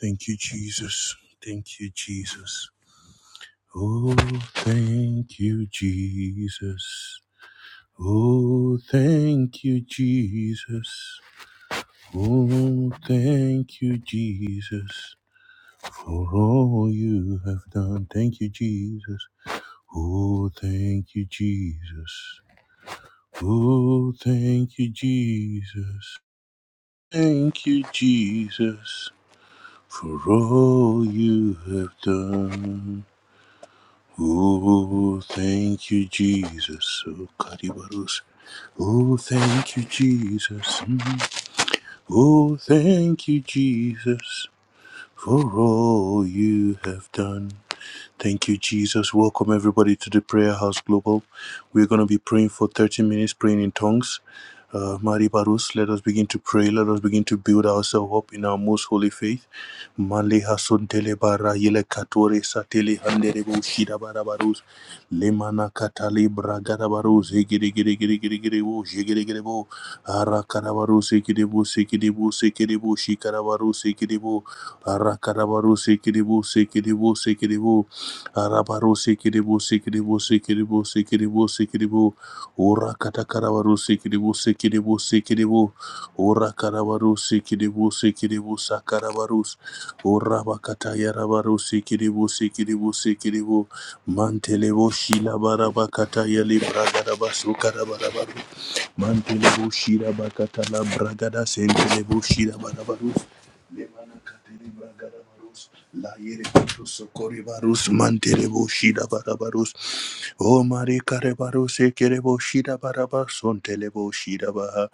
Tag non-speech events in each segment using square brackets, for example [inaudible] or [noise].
Thank you, Jesus. Thank you, Jesus. Oh, thank you, Jesus. Oh, thank you, Jesus. Oh, thank you, Jesus, for all you have done. Thank you, Jesus. Oh, thank you, Jesus. Oh, thank you, Jesus. Thank you, Jesus, for all you have done. Oh, thank you, Jesus. Oh, Kadibarus. Oh, thank you, Jesus. Oh, thank you, Jesus, for all you have done. Thank you, Jesus. Welcome, everybody, to the Prayer House Global. We're going to be praying for 30 minutes, praying in tongues. Uh, Mari Barus, let us begin to pray. Let us begin to build ourselves up in our most holy faith. Mali hasuntele bara yele katore satele handere bo shida bara barus. Lemana katali bragada barus. Giri giri giri giri giri bo shigiri giri bo. Arakada barus ikidi bo sikidi bo sikidi bo shikada barus ikidi bo. Arakada barus ikidi bo sikidi bo sikidi bo. Arabarus ikidi bo sikidi bo sikidi bo sikidi bo sikidi bo. Ora katakada barus ikidi bo sikidi bo sikidi bo. Ora karabarus sikidi bo sikidi bo sakarabarus. Urabakata yarabaru sikiribu sikiribu sikiribu mantelebo shilabarabakata yali bragadaba sukarabarabaru mantelebo shirabakata la bragada sentelebo shirabarabaru lemanakateri bragadabarus la yere yerebaru sokoribarus mantelebo shirabarabarus o mare karebaru sekerebo shirabarabar sontelebo shirabaha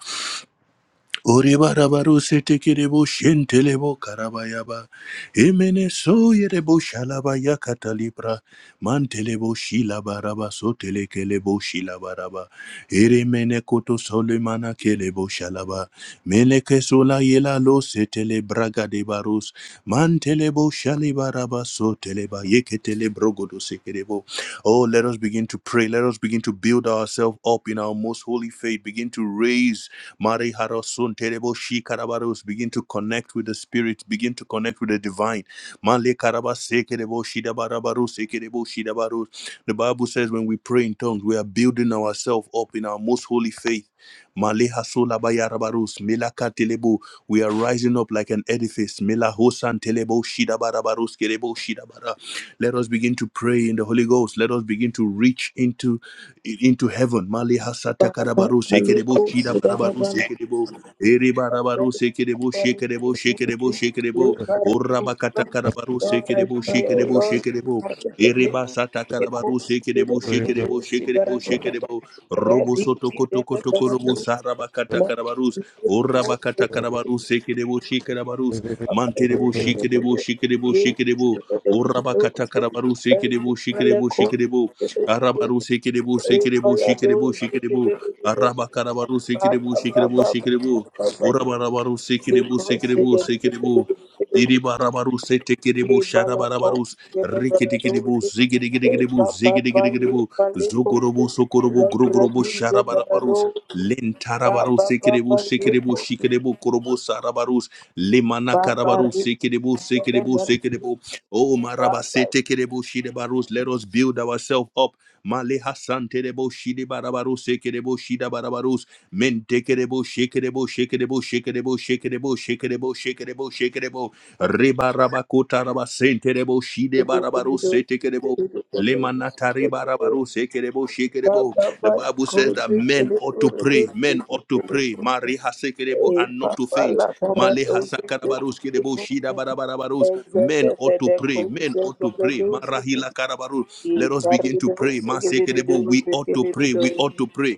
Oribarabaru setekirebo shentelebo karabayaba. Emene soyerebo shalabaya katalibra. Mantelebo shilabaraba sotelekelebo shilabaraba. Eremene koto solemana kelebo shalaba. Meleke sola yela lo setelebraga de barus. Mantelebo shalibaraba soteleba yeketelebrogodo sekerebo. Oh, let us begin to pray. Let us begin to build ourselves up in our most holy faith. Begin to raise Mari harosun Terebo Shi Karabaros. Begin to connect with the spirit. Begin to connect with the divine. Male Karabase Kerebo Shida Barabaros Ekerebo Shida barus. The Bible says when we pray in tongues, we are building ourselves up in our most holy faith. Male Hasola Bayarabaros. Mela Katelebo. We are rising up like an edifice. Mela Hosan Telebo Shida Barabaros Kerebo Shida Bara. Let us begin to pray in the Holy Ghost. Let us begin to reach into into heaven. Mali hasata God, I karabaru pray, sekerebo shida barabaru sekerebo ere barabaru sekerebo shekerebo shekerebo shekerebo orabakata karabaru sekerebo O shekerebo Lord, shekerebo Ereba sata karabaru seke debo sheke debo sheke debo sheke debo robo soto koto koto korobo saraba kata karabarus oraba ready kata karabarus seke debo sheke karabarus Baba, mante debo sheke debo sheke debo sheke debo oraba kata karabarus seke debo sheke debo sheke debo arabaru seke debo seke debo sheke debo sheke debo araba karabarus seke debo sheke debo sheke debo oraba rabaru seke debo seke debo seke debo Iribarabaru setekiribu sharabarabarus rikitikiribu zigirigirigiribu zigirigirigiribu zugurubu sukurubu grugurubu sharabarabarus lentarabaru sekiribu sekiribu shikiribu kurubu sarabarus limana karabaru sekiribu sekiribu sekiribu Oh maraba Thank setekiribu shidebarus let us build ourselves up maleha santerebo shidebarabaru sekiribu shidabarabarus mentekerebo shekerebo shekerebo shekerebo shekerebo shekerebo shekerebo shekerebo Ribarabakuta rabasenterebo shide barabaru setekerebo. Lemanata ribarabaru sekerebo shekerebo. The Bible says that men ought to pray, men ought to pray, Mari hasekerebo and not to faint. Male hasakarabarus kerebo shida barabarabarus. Men ought to pray, men ought to pray, Marahila karabaru. Let us begin to pray, Masekerebo. We ought to pray, we ought to pray.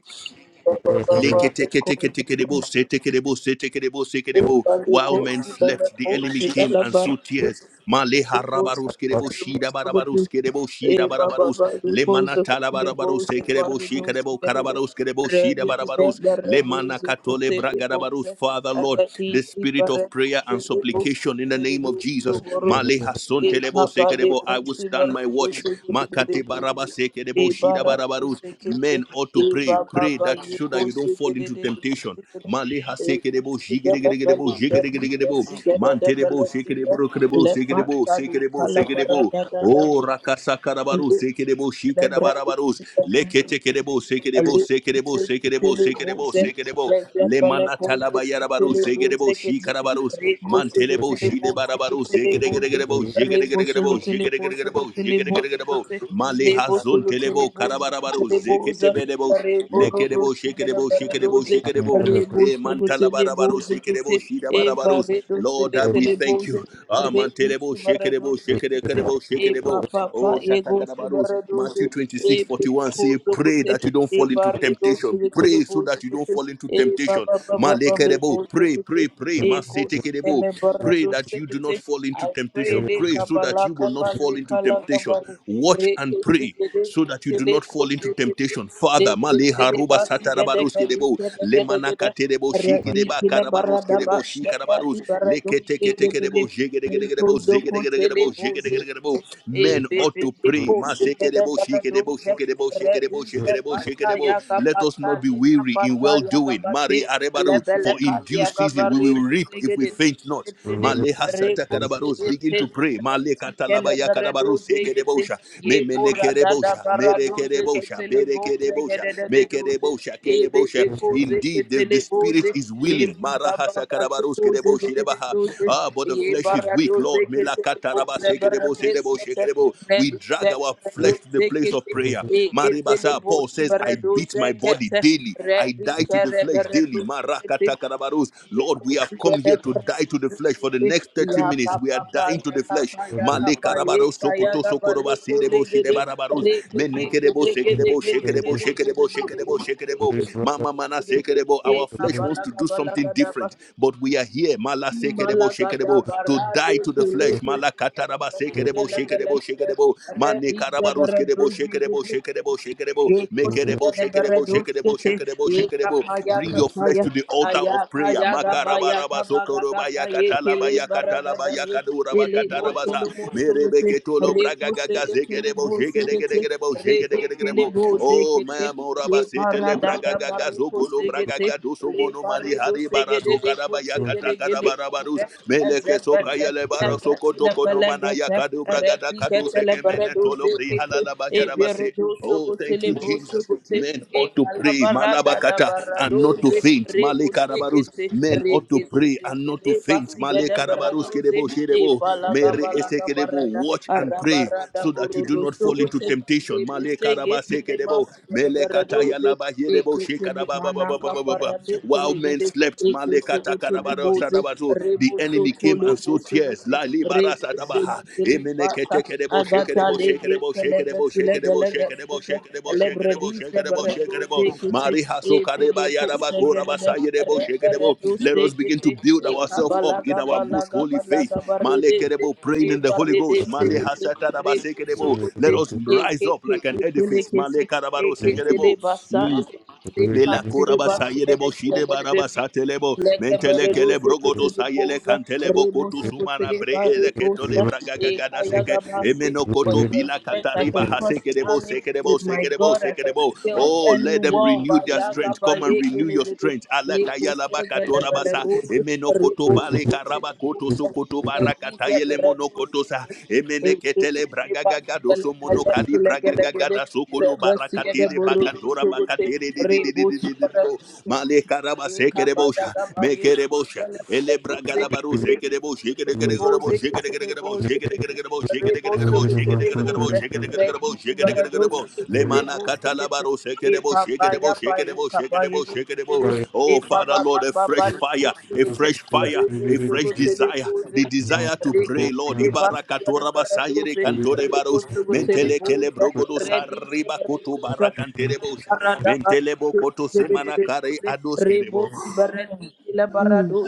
you. Leketeketeketekedebo, setekedebo, setekedebo, sekedebo. Thank While men slept, the enemy came and sowed tears. Male harabarus kedebo, shida barabarus kedebo, shida barabarus. Le manatala barabarus, sekedebo, shikedebo, karabarus kedebo, shida barabarus. Le manakatole bragadabarus. Father, Lord, the spirit of prayer and supplication in the name of Jesus. Male hason telebo, sekedebo. I will stand my watch. Makate baraba you. sekedebo, shida Ibara barabarus. tusikiti Men ought to iba pray. Pray baba that should you yukusi don't fall into gedede temptation. tusikiti Maleha sekerebo, ekusigele jigerebo, bali gedi jigerebo, esigede de manterebo, bele gidi sekerebo, kerebo, sekerebo, lepantali sekerebo, sekerebo. kalabara da da da Oh, rakasa rakasakarabaru, sekerebo, shikarabarabaro, leketekerebo, sekerebo, sekerebo, Alekuse sekerebo, kitele sekerebo, muse, sekerebo, leze pele kose lemanatalabayarabaru, kitele sekerebo, muse kete, shikarabaru, rekose mantelebo, kitele muse shidebarabaru, kitele muse, zekeregerebo, rekose jigerebo, kitele muse jigerebo, kitele muse jigerebo, kete, maleha rekose zontelebo, kitele muse karabarabaru, kitele muse, reboro dosi zeketebelebo, gana Shekedebo, Shekedebo, baradoze, Shekedebo. Eh, rebose Mantala kitele Barabarus, muse kete, Shekedebo, Shida eva Barabarus. redose Lord, that we kitele thank muse, you. Ah, rekuse Mantelebo, Shekedebo, baradoze kete, Shekedebo, eva Shekedebo. papa Oh, yegose Shatakadabarus. baradoze, Matthew twenty-six ebe forty-one 41. Say, koso pray kote, that you don't e fall into barle do temptation. sikitili Pray so bozi that you don't kuti fall into e temptation. baba baba baba Malekerebo, bozi pray, kuti pray, pray. e kosi Masetekedebo. ele bara Pray do that you do sikiti not fall into I pray temptation. le Pray so that kabala you will not kabale fall into kala temptation. kabale Watch re and kosi pray gede so that you do kitile not fall kosi into kiti temptation. le Father, kitile basi Maleha gede karabarus kali kedebo gede le gede gede manaka terebo re shike ti deba kile bara karabarus da ba kedebo shi shaka di karabarus bara le do kete kete gede gede kedebo jege dege le dege debo kozo zege dege kote dege le debo jege bozi dege dege Ye debo men ought to pray mase debo shike debo shike debo shike debo shike debo shike debo let us not be weary in well doing mari arebaru for in due season we will reap if we faint not maleha sata karabarus begin to pray male katalabaya karabarus seke debosha me menekerebosha merekerebosha berekerebosha mekerebosha kereboshe. Indeed, the, the spirit is ye willing. baba Marahasa baba karabarus leko zede kereboshe de de de rebaha. doze Ah, but the ye flesh is bara weak, doze Lord. kete le Melakata boze rabase bara kereboshe reboshe deskete kerebo. ne We doze drag our bara flesh to the doze place of kete prayer. e kete le Maribasa, Paul boze says, bara I beat doze my body kete daily. re I di die to the kere flesh bara daily. doze kete Marakata karabarus. Lord, we have come here to die to the flesh for the next 30 Ya pa minutes. We are pa pa dying to ya the ka flesh. pa ya ka Male pa ye karabarus ka ya sokoto ga ba le sokoroba ko le serebo ge de shireba rabarus. le ge de ge Menekerebo de ge de sekerebo ge de ge shekerebo de ge shekerebo de ge de ge shekerebo shekerebo Mama mana de ge de sekerebo. e Our ka flesh ba wants la to ga do ba la something ga da ba different, but we are here. Mala ni ma la sekerebo ga da shekerebo ba to ra de die to ke the le flesh. ko Mala ge le kataraba ge le sekerebo ge le shekerebo ge le shekerebo. re Mane di ge karabarus re do kerebo zi shekerebo ge shekerebo shekerebo. Yekosiya Mekerebo shekerebo shekerebo nebereduskete, shekerebo shekerebo. yekapaya Bring your flesh kapaya, to the altar of ayaka prayer. yaga baya Makarabaraba kabaga sokoroba kapa yakatalaba yekele yakatalaba baradada ye, yakaduraba ele gotolo katarabasa. mosogete, Merebeketolo bragagaga rekusegete le zegerebo bosegete, shegeregerebo redekele shegeregerebo. Oh, my bozekete, amoraba ye paradada bragaga zogolo barekosegete, bragaga doso le mono mani paredo hari bara segede de sokaraba yakata kosegede gele karabara kuse, barus meleke ezepete, sokayele bara epete soko le toko no mana pelegete, yakadu bragada kadu retikete le sekemene tolo redoze bri kete halala e bahyarabasi beredoso Oh, gote thank le you, broso Jesus. gote Men e ought to pray, kalabarada da Malabakata, and not to baradoze faint, reko Malekarabarus. sekete Men ought to reke pray and sekete not to le faint, basiga da Malekarabarus. baradoze Kedebo, e Shedebo, balaga Mere Ese balaga kedebo. barada Watch and pray arabarada so that you do not borodoso fall into gote temptation, Rebe Male segete Karabase le kedebo. basiga da baradoze Malekarabasekedebo, e kete le manaka parade while men telegede slept, e kese gote le boze the rebo enemy soto came le and sowed boso tears. gote Reke sege tele mata agata lege kelega tulega lega sete lebredi sebere tu sege te e pele re re tu Let us begin to build e ourselves kabala up in our kabala most holy kabala faith. kabare de te praying e in the Holy bare de Ghost. sege te re tu sugu te Let us e rise ke up te like an edifice. e Mm. Melakura basaye debo shide baraba satelebo Leke mentele kele bereduze brogodo keteli sayele boza, kantelebo koto rebusa sumana kuteli bre ele keto le barebusa, braga eka yaga seke basi. emeno For koto in your bila strength I can katariba cross haseke an debo army, seke debo with my seke debo God I seke can debo scale oh any let them wall. Ba renew their yaga strength ba come and leke renew your leke de, strength ala leke kaya sege lebe basa leguze, emeno koto rebusa bale kuteli karaba koto boza, sokoto baraka redize tayele mono bereduze koto sa kesi, eke emeneketele tele ba, bragagaga ele doso ele monokali leke leke bragagaga de, da sokolo rebesi gede barakatere bakantora borusu kute, bakatere di di di di di rebusa di di di bo bereduze. male Ready, karaba sekere bosha mekere bosha ele bragada baru sekere bo shekere kere kere bo shekere kere kere bo shekere kere kere bo shekere kere kere bo shekere kere kere bo shekere kere kere bo shekere kere kere bo le mana katala baru sekere bo shekere bo shekere bo shekere bo shekere bo Mali Oh, Father, Lord, a fresh fire, a fresh fire, a fresh desire, the desire to pray, Lord. Ibarakatora basayere kantore baros, mentele kele brogodo sariba koto barakantere mentelebo barada bakutu koto semana zededede kare kose ados rebo kerebo. sibarani kila barado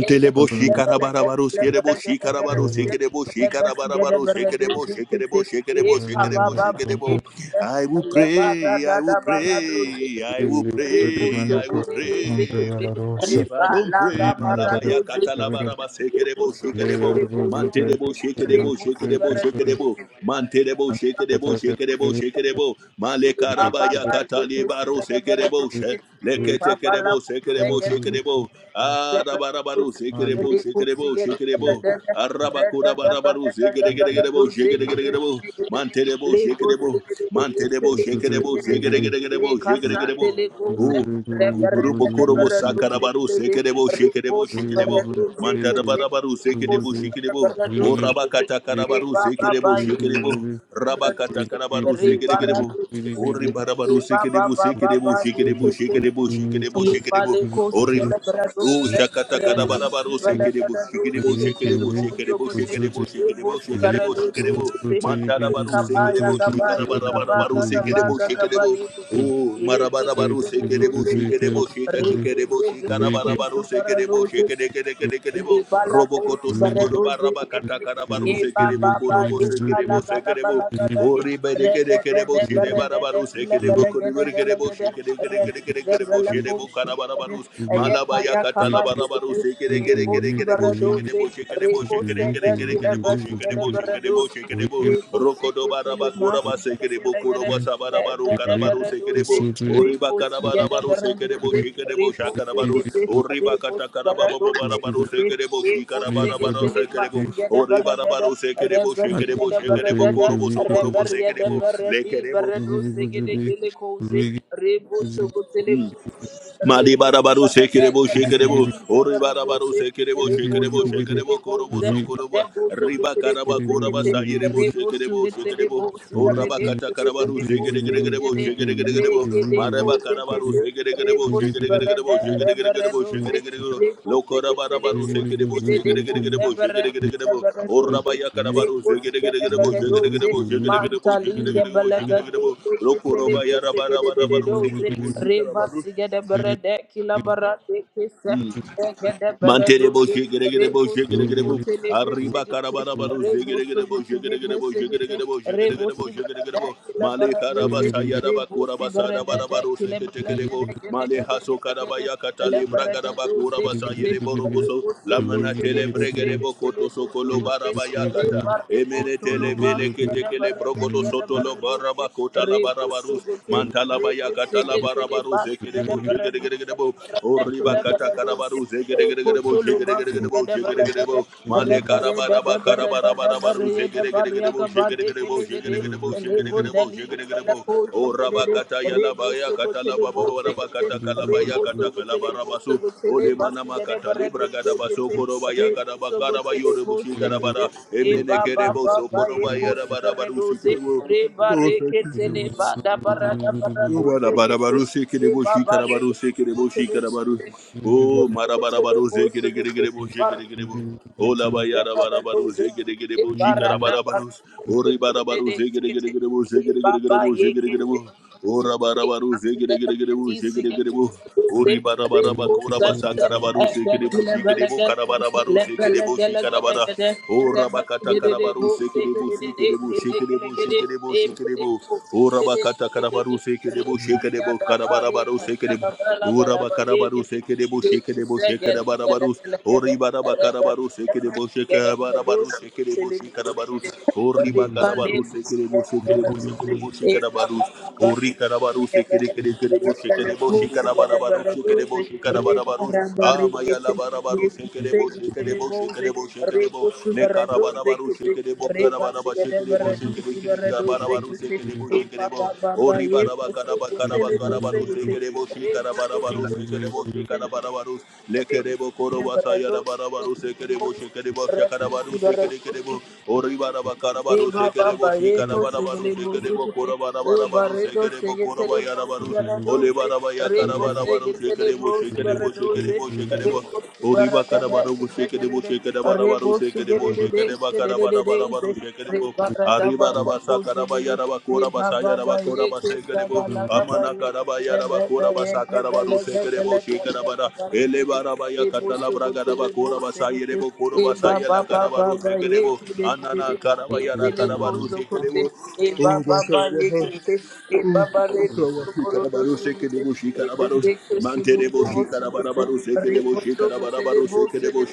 yege kila belege shikarabarabaru kila skerebo belege de shikarabaru beregede sekerebo de besige de shikarabarabaru beredo sekerebo zinkete shekerebo ye shekerebo kaba shekerebo baba ye shekerebo. kile I will ye pray, barada I da will barado pray, I zinkete will rebo pray, I will sobore de pray. zinkete If I reba don't laga pray, barado Malabaya zinkete Katalabaraba rebo Sekerebo, sobo Shikerebo, telebo zinkete Mantedebo, Shikerebo, rebo Shikerebo, sibarado Shikerebo, zinkete Mantedebo, Shikerebo, Shikerebo, Shikerebo, Baba, Malekarabaya Katalibaro Sekerebo, She, Leketekerebo, Sekerebo, you Shikerebo, Arabarabaru Sekerebo, Shikerebo, Shikerebo, Arabakurabaru Sekerebo, Shikerebo, Mantedebo, Shikerebo, Mantedebo, Shikerebo, Shikerebo, Shikerebo, Oh, Thank Urubo korobo sakarabaru sekerebo shekerebo shekerebo mantarabarabaru sekerebo shekerebo o rabakata karabaru sekerebo shekerebo rabakata karabaru Re bara sekerebo do o ribarabaru sekerebo Baba sekerebo Baba shekerebo shekerebo shekerebo Ye bara shekerebo ke ke, o rib o shakata karabarabaru sekerebo shekerebo tele shekerebo bozo shekerebo kote shekerebo e shekerebo bosi bara shekerebo doze shekerebo ke, te ye mantarabaru kaba ya sekerebo gaba ye kaba shikarabarabaru gaga ba sekerebo gaga ba shekerebo ye Oh, marabarabaru ya re sekerebo doze ke te shikerebo shikekerebo ke zu shikarabarabaru bara sekerebo doze ye shikerekerekerekerebo bala robokoto kosi you. baredo sokoro baraba Rigidity, zekete ye katakarabaru baba sekerebo ba ba korobo ye kala sekerebo gala deke bala gada ye rede de oriberekerekerebo de berede de shirebarabaru kile sekerebo bele gede gele koriberekerebo gede redi ze shikerekerekerekerebo bele shirebo kosi gede karabarabaru ye Malabaya kaya kaba katalabarabaru gede shekere ye kere kere bosi kere bo baredo shekere ze bo shekere re bo kose shekere kere gede kere kile kere bo besi shekere gede bo shekere beredo bo ze shekere bo re kose rokodo kese le baraba mas koraba gede shekere bo gele gede koroba sabarabaru gede karabaru beredo shekere ze bo re oriba kosi gede karabarabaru beredo shekere bo shekere bo ze shakarabaru Yekosegete, oriba katakarababo barabaru Rebosharadozekete, shekere bo shikarabarabaru Yekosekete, shekere bo Lemasiyada oriba Baradada, rabaru shekere bo shekere bo Rebasiyada shekere bo Baradada, korobo sokorobo shekere Rebariada bo Baradi, lekere bo Baradosegede, Kelekoze, Rebosogotele, Rebosi Malibarabaru barada Sekerebo kelem Shekerebo, bedize Oribarabaru baradoze Sekerebo Shekerebo eleboso gutele Shekerebo Korobo boze Sokoroba, deboso Riba gutele Karaba boze Koraba kete Sayerebo reboso Shekerebo gutele Shekerebo, boze Thank Oraba barade kele Katakarabaru bele boze Zekeregerebo kede Shekeregerebo, Reba Maraba Karabaru Zekeregerebo Shekeregerebo Shekeregerebo Shekeregerebo, Lokorabarabaru Sekerebo Shekeregerebo Shekeregerebo, Oraba Yakarabaru Zekeregerebo Shekeregerebo Shekeregerebo Shekeregerebo Shekeregerebo, Lokoroba Yarabarabaru Sekerebo Shikarabaru, sigede berede kila barade kese, egede Manterebo bereduze Rebo shigerebo shigerebo arriba karabarabaru shigerebo shigerebo shigerebo shigerebo shigerebo male karaba sayaraba kuraba sadabarabaru seketekerebo male haso karabaya katali bragaraba kuraba sayerebo roboso lamana tele bregerebo koto sokolo barabaya kata emene tele bele ketekele brogodo sotolo baraba kota la barabarus Reposogote, mantala baya Reposegele, karabaru Basigada, zekerebo you. Veradi, jegeregerebo oriba Thank Verada, you. kata Verado, karabaru zegeregerebo Epotolo, jegeregerebo Masigada, Verada, jegeregerebo male Rebereda, karabaraba Verada, karabarabaru Verada, zegeregerebo Variaca, Bade, jegeregerebo Gelegade, jegeregerebo and jegeregerebo Rebundali, jegeregerebo Malaco, oraba kata yalabaya kata Reposogote, lababaraba Bose, kata e e barre kalabaya kata kalabarabasu ole manama barre kata barre doze libragada baso koroba yakaraba karaba yorebo doze. doze shikarabara doze. Re Re re emene ba ba kerebo ba ba, e sokoroba khosi barre yarabaru doze sikerebo re barre ke tele ba da barra da barra doze ke tele Barabarabaru e sekerebo ba ba re shikarabaru go sekerebo tele shikarabaru. Oh, boso go tele marabarabaru boso go tele zekeregerebo bar shekeregerebo. Oh, ze barre labayarabarabaru doze e zekeregerebo barra da shikarabarabaru. barra Oh, doze ke ribarabaru tele zekeregerebo e ba ba da da da bar zekeregerebo Barada zekeregerebo. barada Oh, rabarabaru Shikidikidiboo, shikidikidiboo. Uribarabaraba, korabasa, karabaru, shikidiboo, shikidiboo, karabarabaru, shikidiboo, shikadabara. Orabakata, karabaru, shikidiboo, shikidiboo, shikidiboo, shikidiboo, shikidiboo. Orabakata, karabaru, shikidiboo, shikidiboo, karabarabaru, shikidiboo. Uraba Karabaru Seke de Busheke de Busheke de Barabarus, Oribaraba Karabaru Seke de Busheke Barabaru Seke de Thank you. Rebus, Urabakarabaru sekedebo shekedebo shekedabarabarus. Oribarabakarabaro sekedebo shekabarabaru sekedebo shekarabarus. Oribakarabaru sekedebo shekedebo shekedebo shekarabarus. Orikarabaru sekedekedebo shekedebo shekarabarabaru shikadabarabarus. Ah, maya bo, shikadebo, shikadebo, shikadebo, shikadebo. Le karabarabarus, shikadebo, karabaraba, shikadebo, shikadikiri, kabarabarus, shikadebo, shikadebo. Ori baraba, karaba, karaba, karabarus, shikadebo, shikarabarabarus, shikadebo, shikarabarabarus. Le kedebo, korobasa, yarabarabarus, shikadebo, shikadebo, shakarabarus, shikadikidebo. Ori baraba, E karabarus, baba shikadebo, Ebaba yeko segele shikarabarabarus, bo shikadebo, sekete. Eba korobarabarus, rego shikadebo, segetele bo korobayarabarus. sibara Ole doze. barabaya Rebo karabarabaro segetele bo shekerebo sibara shekerebo doze. shekerebo shekerebo. Rebo Ori sibara debe bakarabaro shekerebo segedede. Rebo shekerabaro shekerebo segedede de shekereba segedede karabarabaro shekerebo. bara da Ari bara ko barabasa segede. karabaya raba kora Eba basaya baba shekere yeke basekerebo. sagala Thank gaba Amana ye. karabaya Bebe rabakora bebe basa gebele karabaro gebele shekerebo kalia shekerabara. gaba Ele regede. barabaya Ebo katala braga segotele bo rabakora basaya segete. rebo koro Eba basaya la baba karabaru baba shekere shekerebo. yeke de de Anana de karabaya ra ebele karabaru kozo kote shekerebo. e Oh baba ba bakarabaha. yekete e Oh, baba re so thank boro do so kote e bebe ko so boro bo so kote re bo so kote le bo so kote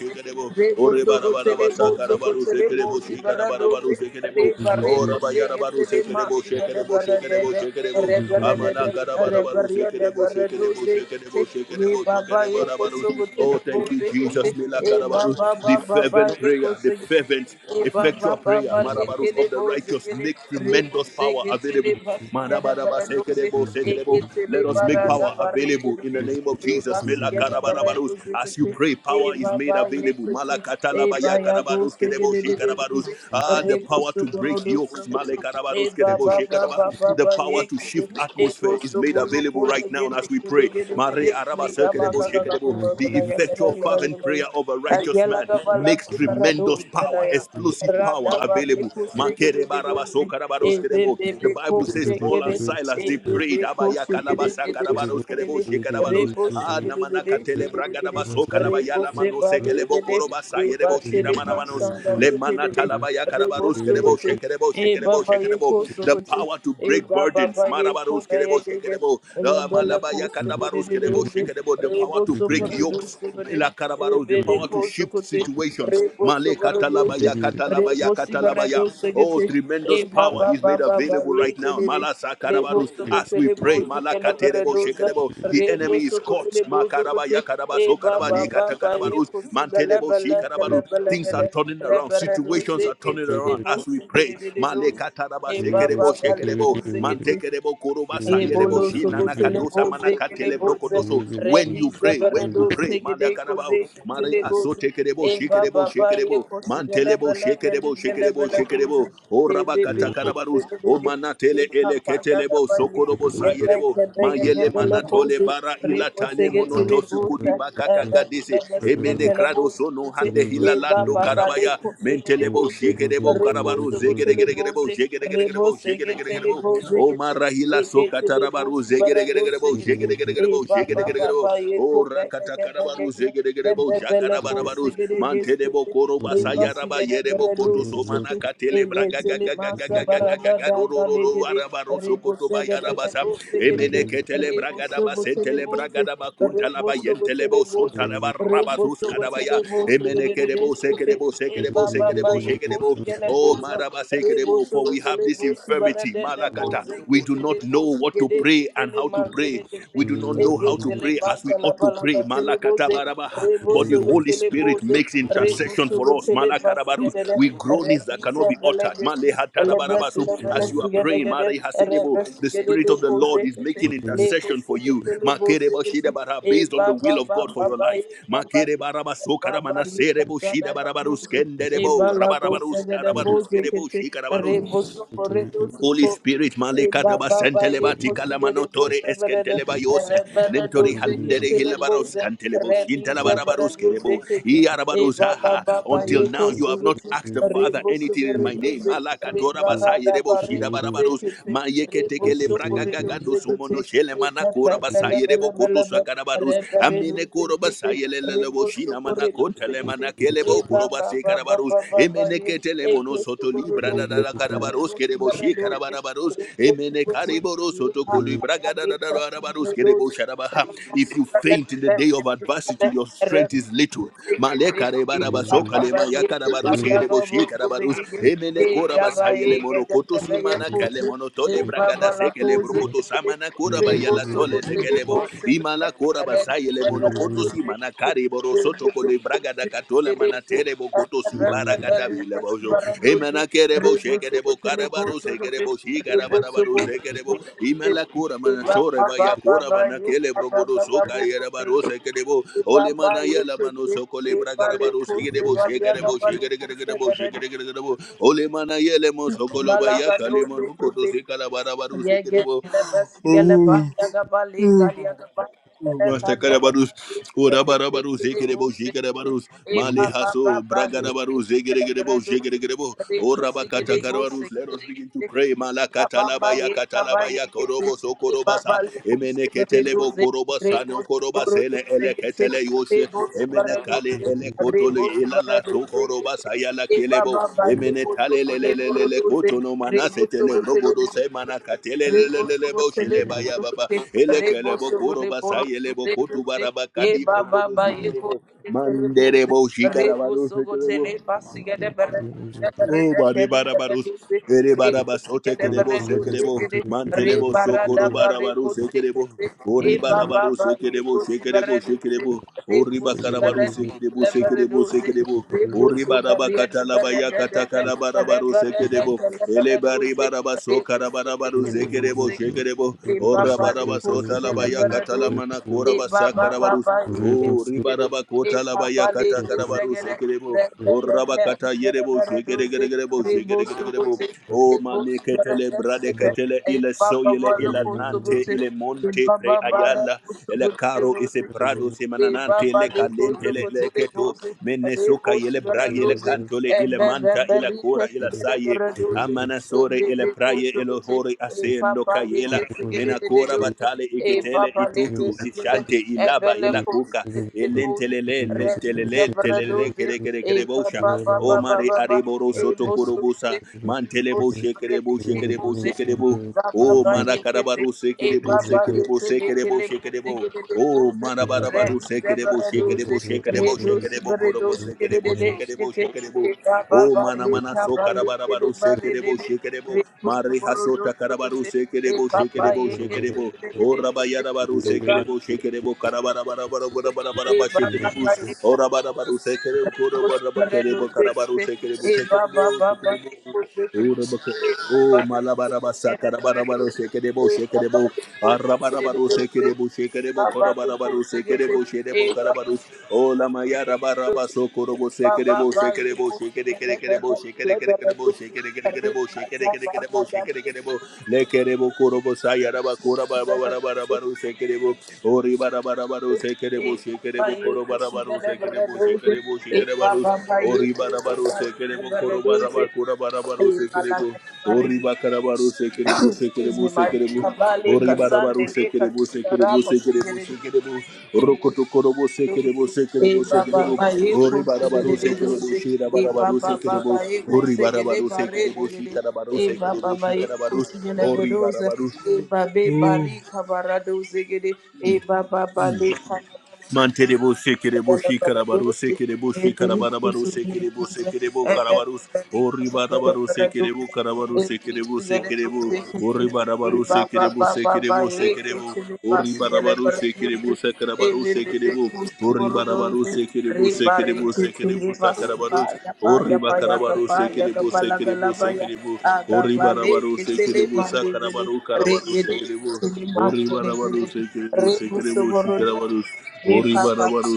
re bo so kote le bo so kote le bo zi bara do ze re bare ko se kote le mas da da bara da da re bare da da re bare da bara do ze kote e baba ye ko so kote le bo you, ze kote Jesus. e baba The baba ba fervent ye ko prayer, the so fervent Eba ba Effectual ba prayer, ba Marabarus lekele of the boze righteous, gele make rebo tremendous power sege tele available. ba gele Marabaraba baradoze sekerebo, ege sekerebo. tele Let us make barada power bare available gele in de the name of reba Jesus. sigele Melakarabarabarabarus. baradoze As you kete pray, power is eba made ba available. lekete eba Malakatalabaya ya go karabarus, sege kerebo, de de de shekarabarus. boze Ah, the rebo power to soboro break do yokes. sege Malekarabarus, eba kerebo, ba ba shekaraba. ba ba The ba power to yekete shift ego atmosphere is made sobolo available pole right now gele as we gele pray. gele gele Mare araba gele gaba sekerebo, gaba shekerebo. The gaba gaba effectual gaba fervent prayer of a righteous man makes tremendous power, explosive power available. Makere baraba sokara kerebo. The Bible says Paul and Silas they prayed. Abaya kalabasa karabaros kerebo, shekara Ah, namana katele bragada baso kalabaya lama no sekelebo shida mana Le mana karabaros kerebo, shekerebo, Eba shekerebo, ba ye shekerebo. ko so The ko te, power to break eba ba burdens. ba ye Maraba ko karabarus ba ye kerebo ge ge, shekerebo Ah, Lebele malabaya kose de kadabarus de kerebo doze, shekerebo the rebo power to break sopere yokes doze bene, la karabaros the ebele power to kose shift kote, situations rebo male sopere doze, katalabaya rebo katalabaya sibere katalabaya doze oh gete, e tremendous ba power ba is ba made ba ba available ye right now kelele, malasa lebo karabarus as sokote we lebo pray zikele bere malakaterebo doze, shekerebo the rebo enemy is sokote caught lebo zokote, makarabaya e karabaso ba ba karabadi ba ba ye katakarabarus kosi bele mantelebo bele kele shikarabarus bele things are gede, turning around rebere doze situations are turning turn it kete around lebo as we sigede pray. de de doze, Malekataraba e ba ba sekerebo ba lebo shekerebo zegete, mantekerebo koroba sayerebo Ebolo shina sokotele nakadosa boze kele manakatele boze brokotoso. When redi you pray, when zeberedo you you. pray, segede malakaraba koze mare kele boze asotekerebo e baba shekerebo ba ye shekerebo kosigele mantelebo bele geli shekerebo gele shekerebo bele boze shekerebo o e bebe Thank you. rabakatakarabaro kose O bebe e manatele ele papa gaga ketelebo ba ye sokorobo ye be sayerebo kebe ye mayele gebe le manatole boze bara Rico ilatale segetele monotosu bosa, kudibaka evetele gadisi emene besegetele krado bosa sono kete, hande e hilalando baba bale karabaya kosegetele mentelebo bosa, shikedebo rebo karabaro segetele zegeregeregerebo bosa, rebo zegeregeregerebo segetele zegeregeregerebo Bose o kete, marahila e ketele sokatarabaru bosa barado zegeregeregerebo segete, zegeregeregerebo e baba zegeregeregerebo baba ye ko o bege rakata bege karabaru bege, e zegeregerebo bebele ko jagarabarabaru segete mantelebo koroba sayaraba Lebasiga yerebo Beredu koto somana Ekiti, katele braga Evetili gaga gaga Masa gaga gaga Barada gaga ro Dada ro ro ro Legede, arabaru sokoto Rebosega de bayarabasa Bozegede, Emeneketele bragadaba Rebosogotele sentele Bose, bragadaba kuntalaba Rebosogotele yentelebo Bose, suntalaba rabatus Rebosogotele kadabaya. Bose, Emenekerebo Gedeskete, sekerebo E sekerebo Baba sekerebo Baye shekerebo. Kosegele Oh Bose, maraba sekerebo, for we have Rebosogotele this Bose infirmity. Barada da Malakata. Kose, We do Ketele not know Bose what to Gede, pray and Ketele how to pray. Mantele Gete, We do not know how to Egetele pray as Bata we La ought to Balata pray. Tele Malakata Bose, barabaha. But the Holy Rebosogotele Spirit Bose. makes intercession for us. Rebusugutili Malakarabarus. Basigade, We groanings that Rebisa cannot be uttered. Belegati, Elebratilla As you are praying, Velesigadegade, Marehasirebo, the Rebesigade Spirit de of the Lord is Cosekete, making Leco intercession for you. Seketili Bosekete, E Based on the Baba will of God for Baba your life. Baba Baba Likasada Muzi, E Bala Bosekete, Rebosuko Holy Redosuko. Spirit, Malika daba Baba ye senteleba tikala consigliere manotore voce brede, eskenteleba e yose, nentori breduze che halendere te le hilabaros voce, kantelebo release shintalabarabarus breduze kerebo, che te, e iarabarus, baba aha. baba Until ye now, you have not consigliere, asked the Father ribusu anything in my name. breduze, Malakatora basaye ribarada rebo bare cose shidabarabarus, che te, mayeke tekele ribusu bragagagado breduze che te, sumono shele e pepe manakora bele basaye bele rebo bele koto bele, sakarabarus, re amine breduze koro che te, basaye lelelebo ribusu shina breduze manakontele che te, manakelebo Eba koro ba base ba ba karabarus, ba ba ba ye. emeneketele Eke mono soto suburu libra doze. da karabaros Rebo subere kereboshi doze. karabarabaros Rebo emene subose. kariboros Eba otokoli ba ba bragada ye. Ka rabaros suburu doze. kerebosharabaha. Rebo If you faint in the day of adversity, subere your strength is little. Rebo Male karebarabaso kalema ya karabaros kereboshi karabaros emene korabasa yele monokoto simana kale monotole bragada sekele brokoto samana koraba yala tole sekelebo imala korabasa yele monokoto simana kariboroso tokoli bragada katola manatere bokoto si baragada bilebojo Imana kerebo shekerebo karabaru sekerebo shikarabarabaru sekerebo imala kura manasore baya kura manakele brogodo soka yerabaru sekerebo ole Baba mana yala yeke mano teke sokole bale bragarabaru kose sekerebo Thank bale aga shekerebo bale kose shekerebo gadadi. shekerebo ole mana yele mo sokolo baya Malaga do kalimono teke koto teke sekala barabaru Yege sekerebo le bas gele ba yaga ba le kali yaga ba le kali yaga Mastakarabarus, ba le kali le Urabarabaru, le mo Zekerebo, se Jigarabarus, e ba Male ba ba Haso, ba le ke Bragarabaru, si gele Zegeregerebo, gredo si Jegeregerebo, re ko si Orabakata gele go se Karabarus. Let ke us begin to pray. ba ba ba Malakatalabaya, ye ka ba ye Katalabaya, ke se Korobo, e ba ba Sokorobasa, le ko Emene se re do Ketelebo, se re Korobasa, go no se go re do Korobasene, se ke se Eleketele re Yoshe, go se ba Emene re do se le ele re kotole go le se ela ba re la do to se koro ke se la Ye kelebo baba ba ye emene ko tale le tele le le le le koto no mana se tele brogo se mana katele le le le le bo shele ba baba ele kelebo koro basa ele bo koto baraba kadi brogo do se kelebo mandere buze, bo shikara ba rebo se sogo kelebo tele basiga de bere, Rebus, Oh, bari bara barus. Ere bara baso tekerebo sekerebo. Mantelebo sokoro bada baru sekerebo. Ori bada baru sekerebo sekerebo sekerebo. Ori bakara baru sekerebo sekerebo sekerebo. Ori bara bakata labaya kata kala bada baru sekerebo. Ele bari bara baso kara bada baru sekerebo sekerebo. Ora bara baso talabaya kata lamana kora basa karabarus. O ribaraba kota Papa, labaya kata karabarus ekerebo. O rabakata yerebo shekere gere gerebo shekere gere gerebo. O mane ketele brade ketele ile soyele ile nante ile monte pre ayala. Ele caro ese prado se mananate le calente le le keto. Mene soka yele brage le cantole ile manta ile cora ile saye. Amana sore ile praye ile hore asendo we kayela get menakora together, batale a iketele Papa, let you. itutu us get ishante ilaba Evele Um, kosi ilakuka de kosi. elentelele Redize lentelele telele bradoze. kere kere E kere pa bosha pa pa pa o pa mare pa pa. ariboro E soto vosote. kurubusa E mantele boshe kere vosote boshe de kere kosi. boshe kere bo ba ba o pa mara yekete. karabaru E sekere pa bo pa sekere bo yekete sekere bo kele sekere kosi bo de de o kosi. mara barabaru Redize sekere bo sekere bradoze. bo sekere bo Redosi sekere bo kurubo bradosi de sekere bo de de shkete. sekere bo E pa pa Oh pa mana yekete mana pa so karabarabaru ba bare de sekerebo de. sekerebo Redosi mari hasota karabaru bradoze. E sekerebo pa pa sekerebo yekete sekerebo de de oh de. rabayarabaru sekerebo de. sekerebo karabarabarabarabarabarabara E baba sekerebo ba yeko oh rabarabaru sekerebo reko sibere do korobarabakerebo karabaru zekete. sekerebo E sekerebo baba baba sekerebo yeko Oh, zekete. Rabaka- E baba oh, yeko malabarabasa, sibere bere do karabarabaru, zekete. E sekerebo, sekerebo. Arabarabaru sekerebo shekerebo baba yeko korobarabaru sibere do sekerebo zekete. E baba yeko zekete. E sherebo baba yeko karabarus. Ola mayara barabaso korobo zekete. E baba sekerebo ba sekerebo yeko sibere bere shekerekerebo sile bere shekerekerebo do zekete. Re shekerekerebo kaza shekerekerebo bara da sile shekerekerebo lekerebo korobo sayara bakura bere do barabarabaru zekete. sekerebo ori barabarabaru Excuse sekerebo shekerebo korobarabaru sekerebo shekerebo shekerebarus ori barabaru sekerebo korobarabakura barabaru sekerebo ori bakarabaru sekerebo me, sekerebo my sekerebo Kabale, Oribarabaru Kasande, sekerebo Kasika, sekerebo Rabo, sekerebo Sigere, sekerebo Rokotokorobo sekerebo sekerebo E Baba, sekerebo my Eko, Oribarabaru Sigere, sekerebo Doze, E shirabarabaru Baba, sekerebo Baba, Eko, Sigere, Oribarabaru Bare, sekerebo shikarabaru E sekerebo Baba, my Eko, shikarabaru Sigere, Doze, Oribarabaru E Babe, Bali, Kabara, Doze, E Baba, Bali, Manterebo Thank sekerebo shikarabaro sekerebo shikarabarabaro sekerebo sekerebo karabarus oribarabaru sekerebo karabaru sekerebo sekerebo oribarabaru sekerebo sekerebo sekerebo oribarabaru sekerebo sakarabaru sekerebo oribarabaru sekerebo sekerebo sekerebo sakarabarus oribakarabaru sekerebo sekerebo sekerebo oribarabaru sekerebo sakarabaru karabaru sekerebo oribarabaru sekerebo sekerebo you. shikarabaru Ye Ori papa barabaru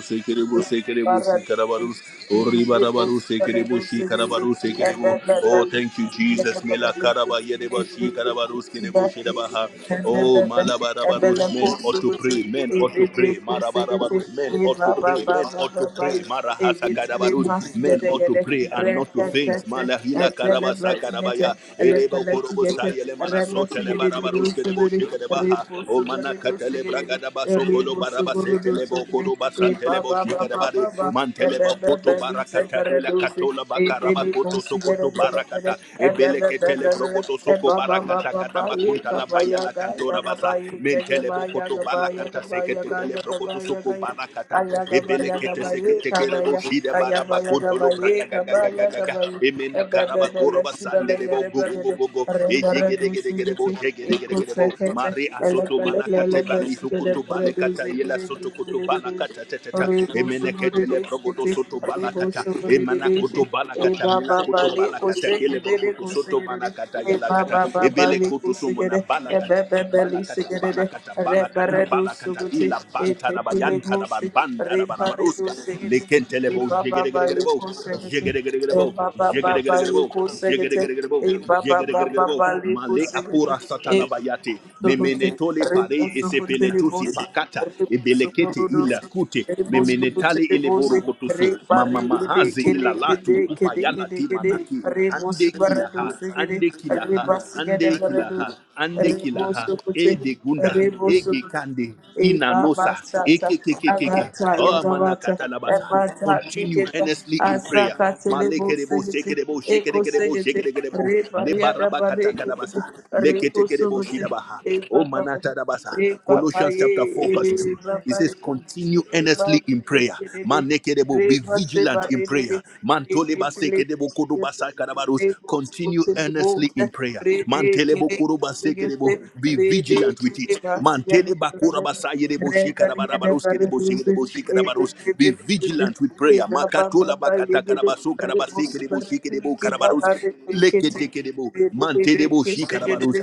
ye sekerebo sekerebo barra shikarabarus. Ori Rebus, barabaru sekerebo shikarabaru sekerebo. Oh, thank you, Jesus. Mela karaba yereba shikarabarus kerebo shedabaha. Oh, malabarabarus. Men ought to pray. Men ought to pray. Marabarabarus. Men ought to pray. Men ought to pray. Marahasa karabarus. Men ought to pray and not to faint. Malahila karabasa karabaya. Erebo korobo sayele mana sotele barabaruske de boshike de baha o mana katele braga da basokolo barabasetele bokoro ba basantele ba ba boshike de ba ba bari ba e mantele be be be bakoto li se barakata kare de la dozi katola e be bakaraba li koto kusi gere sokoto gere gere barakata e be ebele be be ketele be be brogoto e soko ba ba ba barakata ba kada ba ye bakunta ka la ba baya ya la ga ya kantora ga ba basa ye ke ge mentele ba ya bokoto ga ba ya ga balakata ba ya ga seketekele ya ga ba brogoto ya soko ga ya barakata aya ga ba ebele ya ga kete ba ye ka ba seketekele ya boshide aya ba baraba ya ga ba kontolo ye braga ka gaga ba gaga ya ga gaga ba ye e Emena be be karaba be le koroba si be le sande debo gere go be go be go de go go. re gere Ejege dege dozi dege debo gete e kusi kete Mari e le asoto be le mana le le kate bali be Baba Baba Baba Baba hukutu bale kata yela soto kutu bala kata teteta. Emene ketele brogodo soto bala kata. Emana koto bala kata mela koto bala kata kele brokoto soto mana kata yela kata. Ebele koto sumana bala kata. Balakata, balakata, balakata, balakata, ila banta la bayanta la bambanda la barabaruska, lekente lebo, jegeregerebo, jegeregerebo, jegeregerebo, jegeregerebo, Baba Baba Baba jegeregerebo, male apura Baba satalabayate, Sokote, memenetole Rebo pare Sokote esepele tusi Lebose, pakata, Rebo ebelekete Sokorodose, ila kute, Rebo Sokote memenetale ile Lebose, borokotusu, Repari mama Gede mahazi Kele ila latu Gede kupa Kede yala Kede Gede, timanaki, Rebo ande kilaha, Subaradose Gede, ande kilaha, Reba Sigada ande kilaha, Barados, ande Rebo kilaha, e Sokote, de gunda, Rebo e Sokote. gekande, inanosa, e Ibabasata, kekekekeke, Abata, oh Yagabata, manakatalabasa. Ebata, Continue Tiketa, earnestly in prayer. Asaka, Telebo, Malekerebo, Sigeti, sekerebo, Eko shekerekerebo, Sigeti, shekerekerebo, Reba, Riada, Bareke, lebarabakatakadabasa, Reko leketekerebo Sugeti, shidabaha. Oh Epapa, manatadabasa. Epapa, Colossians Ye, chapter 4 verse 2. He Epapa, says, Reba continue earnestly in prayer. Man nekedebo, be vigilant in prayer. Man toleba sekedebo kodoba sakarabarus. Continue earnestly in prayer. Man telebo koroba sekedebo, be vigilant with it. Man teleba koraba sayedebo shikarabarabarus kedebo sekedebo shikarabarus. Be vigilant with prayer. Makatola bakata karabaso karabasekedebo shikedebo karabarus. Leketekedebo, for man men tedebo shikarabarus.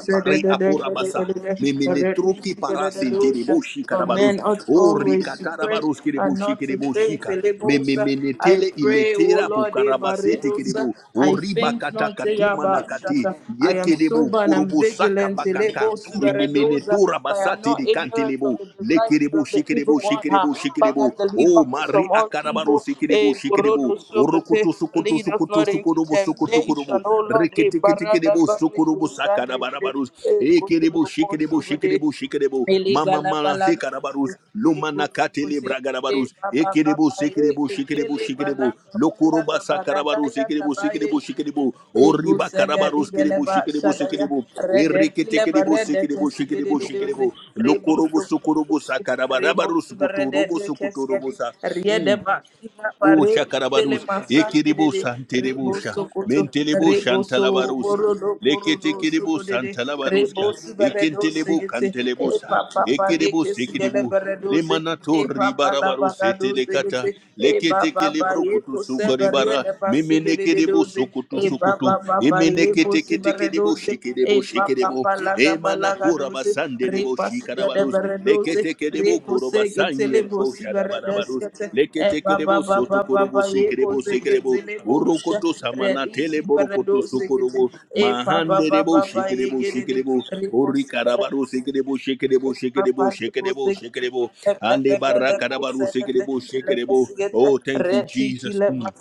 Reka pare apura basa. Memene truki parasinti de boshi karabarus. ought O rika always to pray tarabarus and kireboshi not to faint. kireboshika. Elebosa. Memene I tele pray, O iletera Lord, bukarabasete Ebaredosa. kirebo. O I riba faint kata not, katuma nakati. Eyabashata. I Ye am kirebo sober and I'm kurubu saka vigilant. bakanka. Elebosa, Ebaredosa. Imimenetura For I am basati not di ignorant kantilebo. of the Le devices kirebo of the evil shikirebo one. ha. shikirebo shikirebo. Father, deliver O us mari from all akarabaru evil. sikirebo Eh, shikirebo. O Borodosobote. rukutu sukutu Lead us not into sukutu robo soko toko robo. temptation, O Lord. Eh, Rekete kete kete Barada bo soko barrego robo saka sande da gede, barabarus. eh, Eke debo shike debo shike debo shike debo. Mama Elegala mala balaga seka da barus. ego Lumana kate le sukote braga da e barus. baba Eke debo baba seke e debo shike debo kekele shike debo. balaga Loko balaga roba saka da barus. baradaya Eke debo seke tabaye debo shike debo. ego Ori baka da saga barus ke ligele debo ba shike debo seke shadaya debo. rede Ereke kile teke ba debo rede seke debo kesi shike debo de shike uze debo. rebo Loko robo sokoro soko robo saka da Rebo barabarus. Koto subrede robo de soko to robo keskedi, sa. riede basina O pare, tele shakarabarus, masan edede, ekiribusa rebo antelebusha, sokoto, mentelebusha rebo so antalabarusa, borodo korodo leketekiribusa sogodede, rebo antalabaruska, subredo ekentelebu segete, e kantelebusa, papa pale ekiribus kesigele ekiribu, beredoze, E lemanatori baba la barabarus baga do etelekata, segete. E baba ba leketekelebru ye ko severie kutusukaribara, de pasige de de memenekiribu doze. sukutu E sukutu, baba baba ye ko sibere emeneketeketekiribu doze. shikiribu E papa shikiribu, palaga balaga makura doze. basande Re debo pasiga de shikarabarus bere doze. leketeke Re debo ko koro segete le basanye bo debo sibere shadabarabarus deskete. E leketeke baba debo soto baba korobo baba ye ko sekerebo sekerebo segete le bo sha. urukoto Re samana tele dizi bere borukoto doze gete. sokorobo E baba mahande baba debo baba ye shikerebo gede de. shikerebo Re ko sibere urikarabaru doze. sekerebo shikerebo Thank shikerebo shikerebo shikerebo ande baraka dabaru sekerebo shikerebo oh thank you jesus Mm.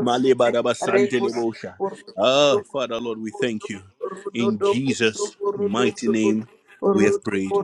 Malebarabasantelebushai. Ah, Father Lord, we thank you. In Jesus' mighty name, we have prayed.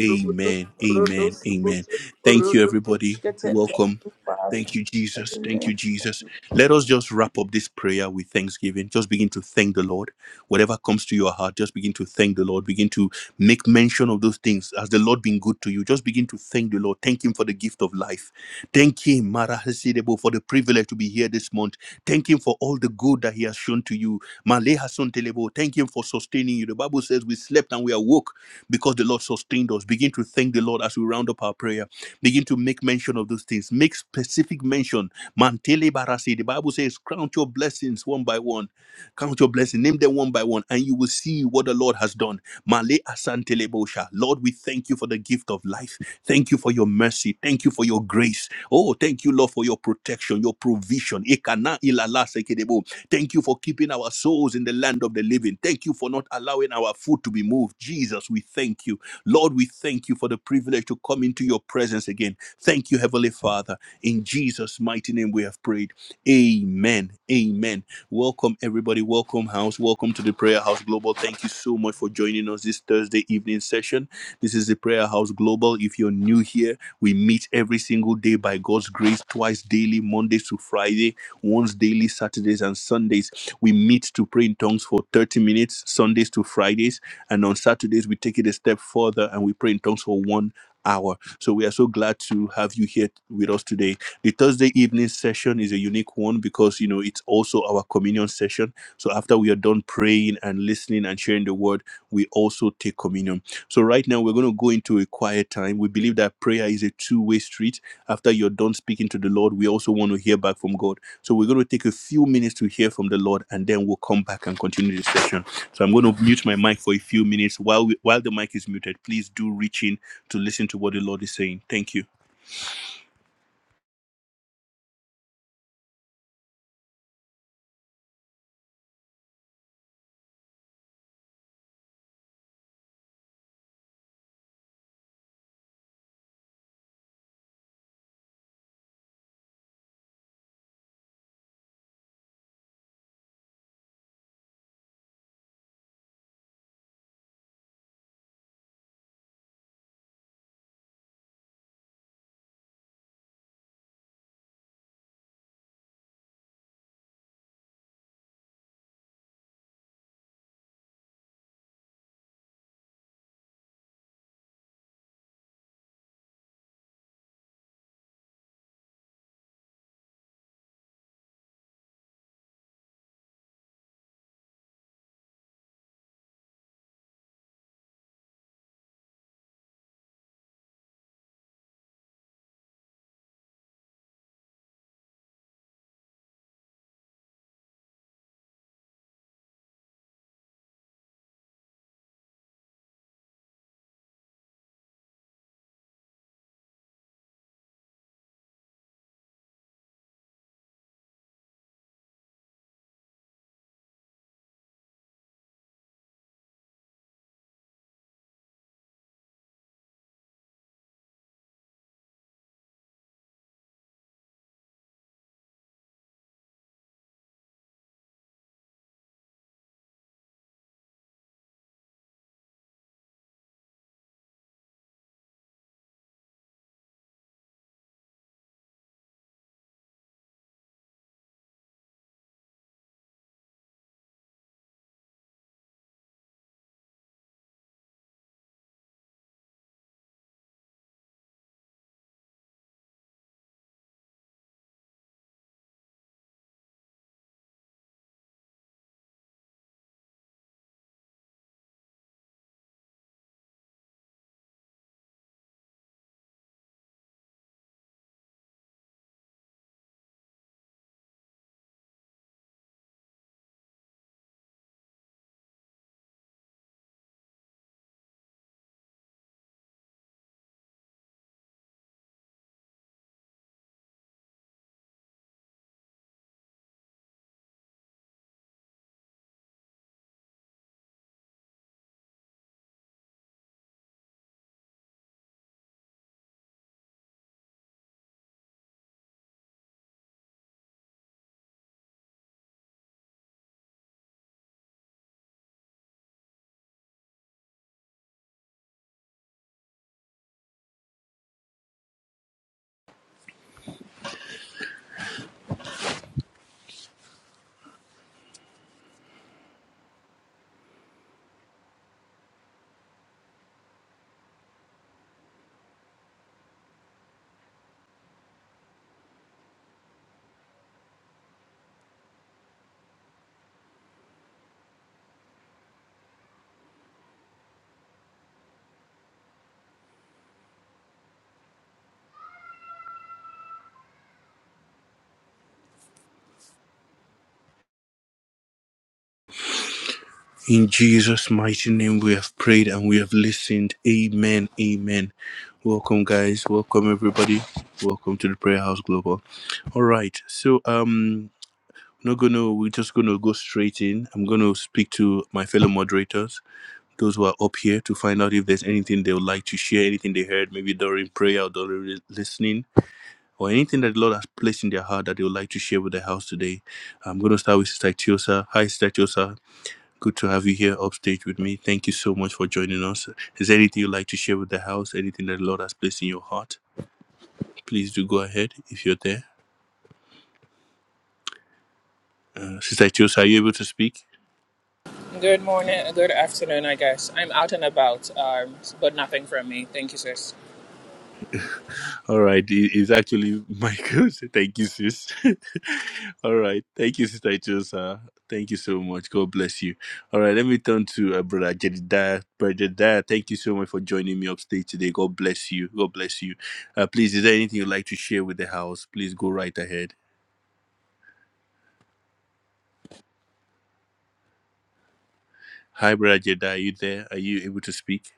Amen. Amen. Amen. Thank you, everybody. Welcome. you, Thank you, Jesus. Father. Thank you, Jesus. Let us just wrap up this prayer with thanksgiving. Just begin to thank the Lord. Whatever comes to your heart, just begin to thank the Lord. Begin to make mention of those things. Has the Lord been good to you? Just begin to thank the Lord. Thank Him for the gift of life. Thank Him, Mara Hasidebo, for the privilege to be here this month. Thank Him for all the good that He has shown to you. Male Hasun Telebo, Thank Him for sustaining you. The Bible says we slept and we awoke because the Lord sustained us. Begin to thank the Lord as we round up our prayer. Begin to make mention of those things. Make specific mention. Mantele barasi. The Bible says, count your blessings one by one. Count your blessings. Name them one by one, and you will see what the Lord has done. Male asantele bosha. Lord, we thank you for the gift of life. Thank you for your mercy. Thank you for your grace. Oh, thank you, Lord, for your protection, your provision. Ekana ilala sekedebo. Thank you for keeping our souls in the land of the living. Thank you for not allowing our foot to be moved. Jesus, we thank you. Lord, we thank you for the privilege to come into your presence again. Thank you, Heavenly Father. In Jesus' mighty name we have prayed. Amen. Amen. Welcome, everybody. Welcome, house. Welcome to the Prayer House Global. Thank you so much for joining us this Thursday evening session. This is the Prayer House Global. If you're new here, we meet every single day by God's grace, twice daily, Mondays to Friday once daily, Saturdays and Sundays. We meet to pray in tongues for 30 minutes, Sundays to Fridays. And on Saturdays, we take it a step further and we pray in tongues for one hour. So we are so glad to have you here with us today. The Thursday evening session is a unique one because, you know, it's also our communion session. So after we are done praying and listening and sharing the word, we also take communion. So right now we're going to go into a quiet time. We believe that prayer is a two-way street. After you're done speaking to the Lord, we also want to hear back from God. So we're going to take a few minutes to hear from the Lord, and then we'll come back and continue the session. So I'm going to mute my mic for a few minutes while we, while the mic is muted. Please do reach in to listen to what the Lord is saying. Thank you. In Jesus' mighty name, we have prayed and we have listened. Amen. Amen. Welcome, guys. Welcome, everybody. Welcome to the Prayer House Global. All right. So, um. not gonna we're just gonna go straight in i'm gonna speak to my fellow moderators those who are up here to find out if there's anything they would like to share anything they heard maybe during prayer or during listening or anything that the lord has placed in their heart that they would like to share with the house today i'm gonna start with sister chiosa hi sister chiosa good to have you here upstage with me thank you so much for joining us is there anything you'd like to share with the house anything that the lord has placed in your heart please do go ahead if you're there uh, sister chiosa are you able to speak Good morning, good afternoon, I guess. I'm out and about, um, but nothing from me. Thank you, sis. All right, it- it's actually Michael. [laughs] So Thank you, sis. [laughs] All right, thank you, sister Chosa. Thank you so much. God bless you. All right, let me turn to uh, brother Jedidiah. Brother Jedidiah, thank you so much for joining me upstage today. God bless you. God bless you. Uh, please, is there anything you'd like to share with the house? Please go right ahead. Hi, brother Jedidiah. Are you there? Are you able to speak?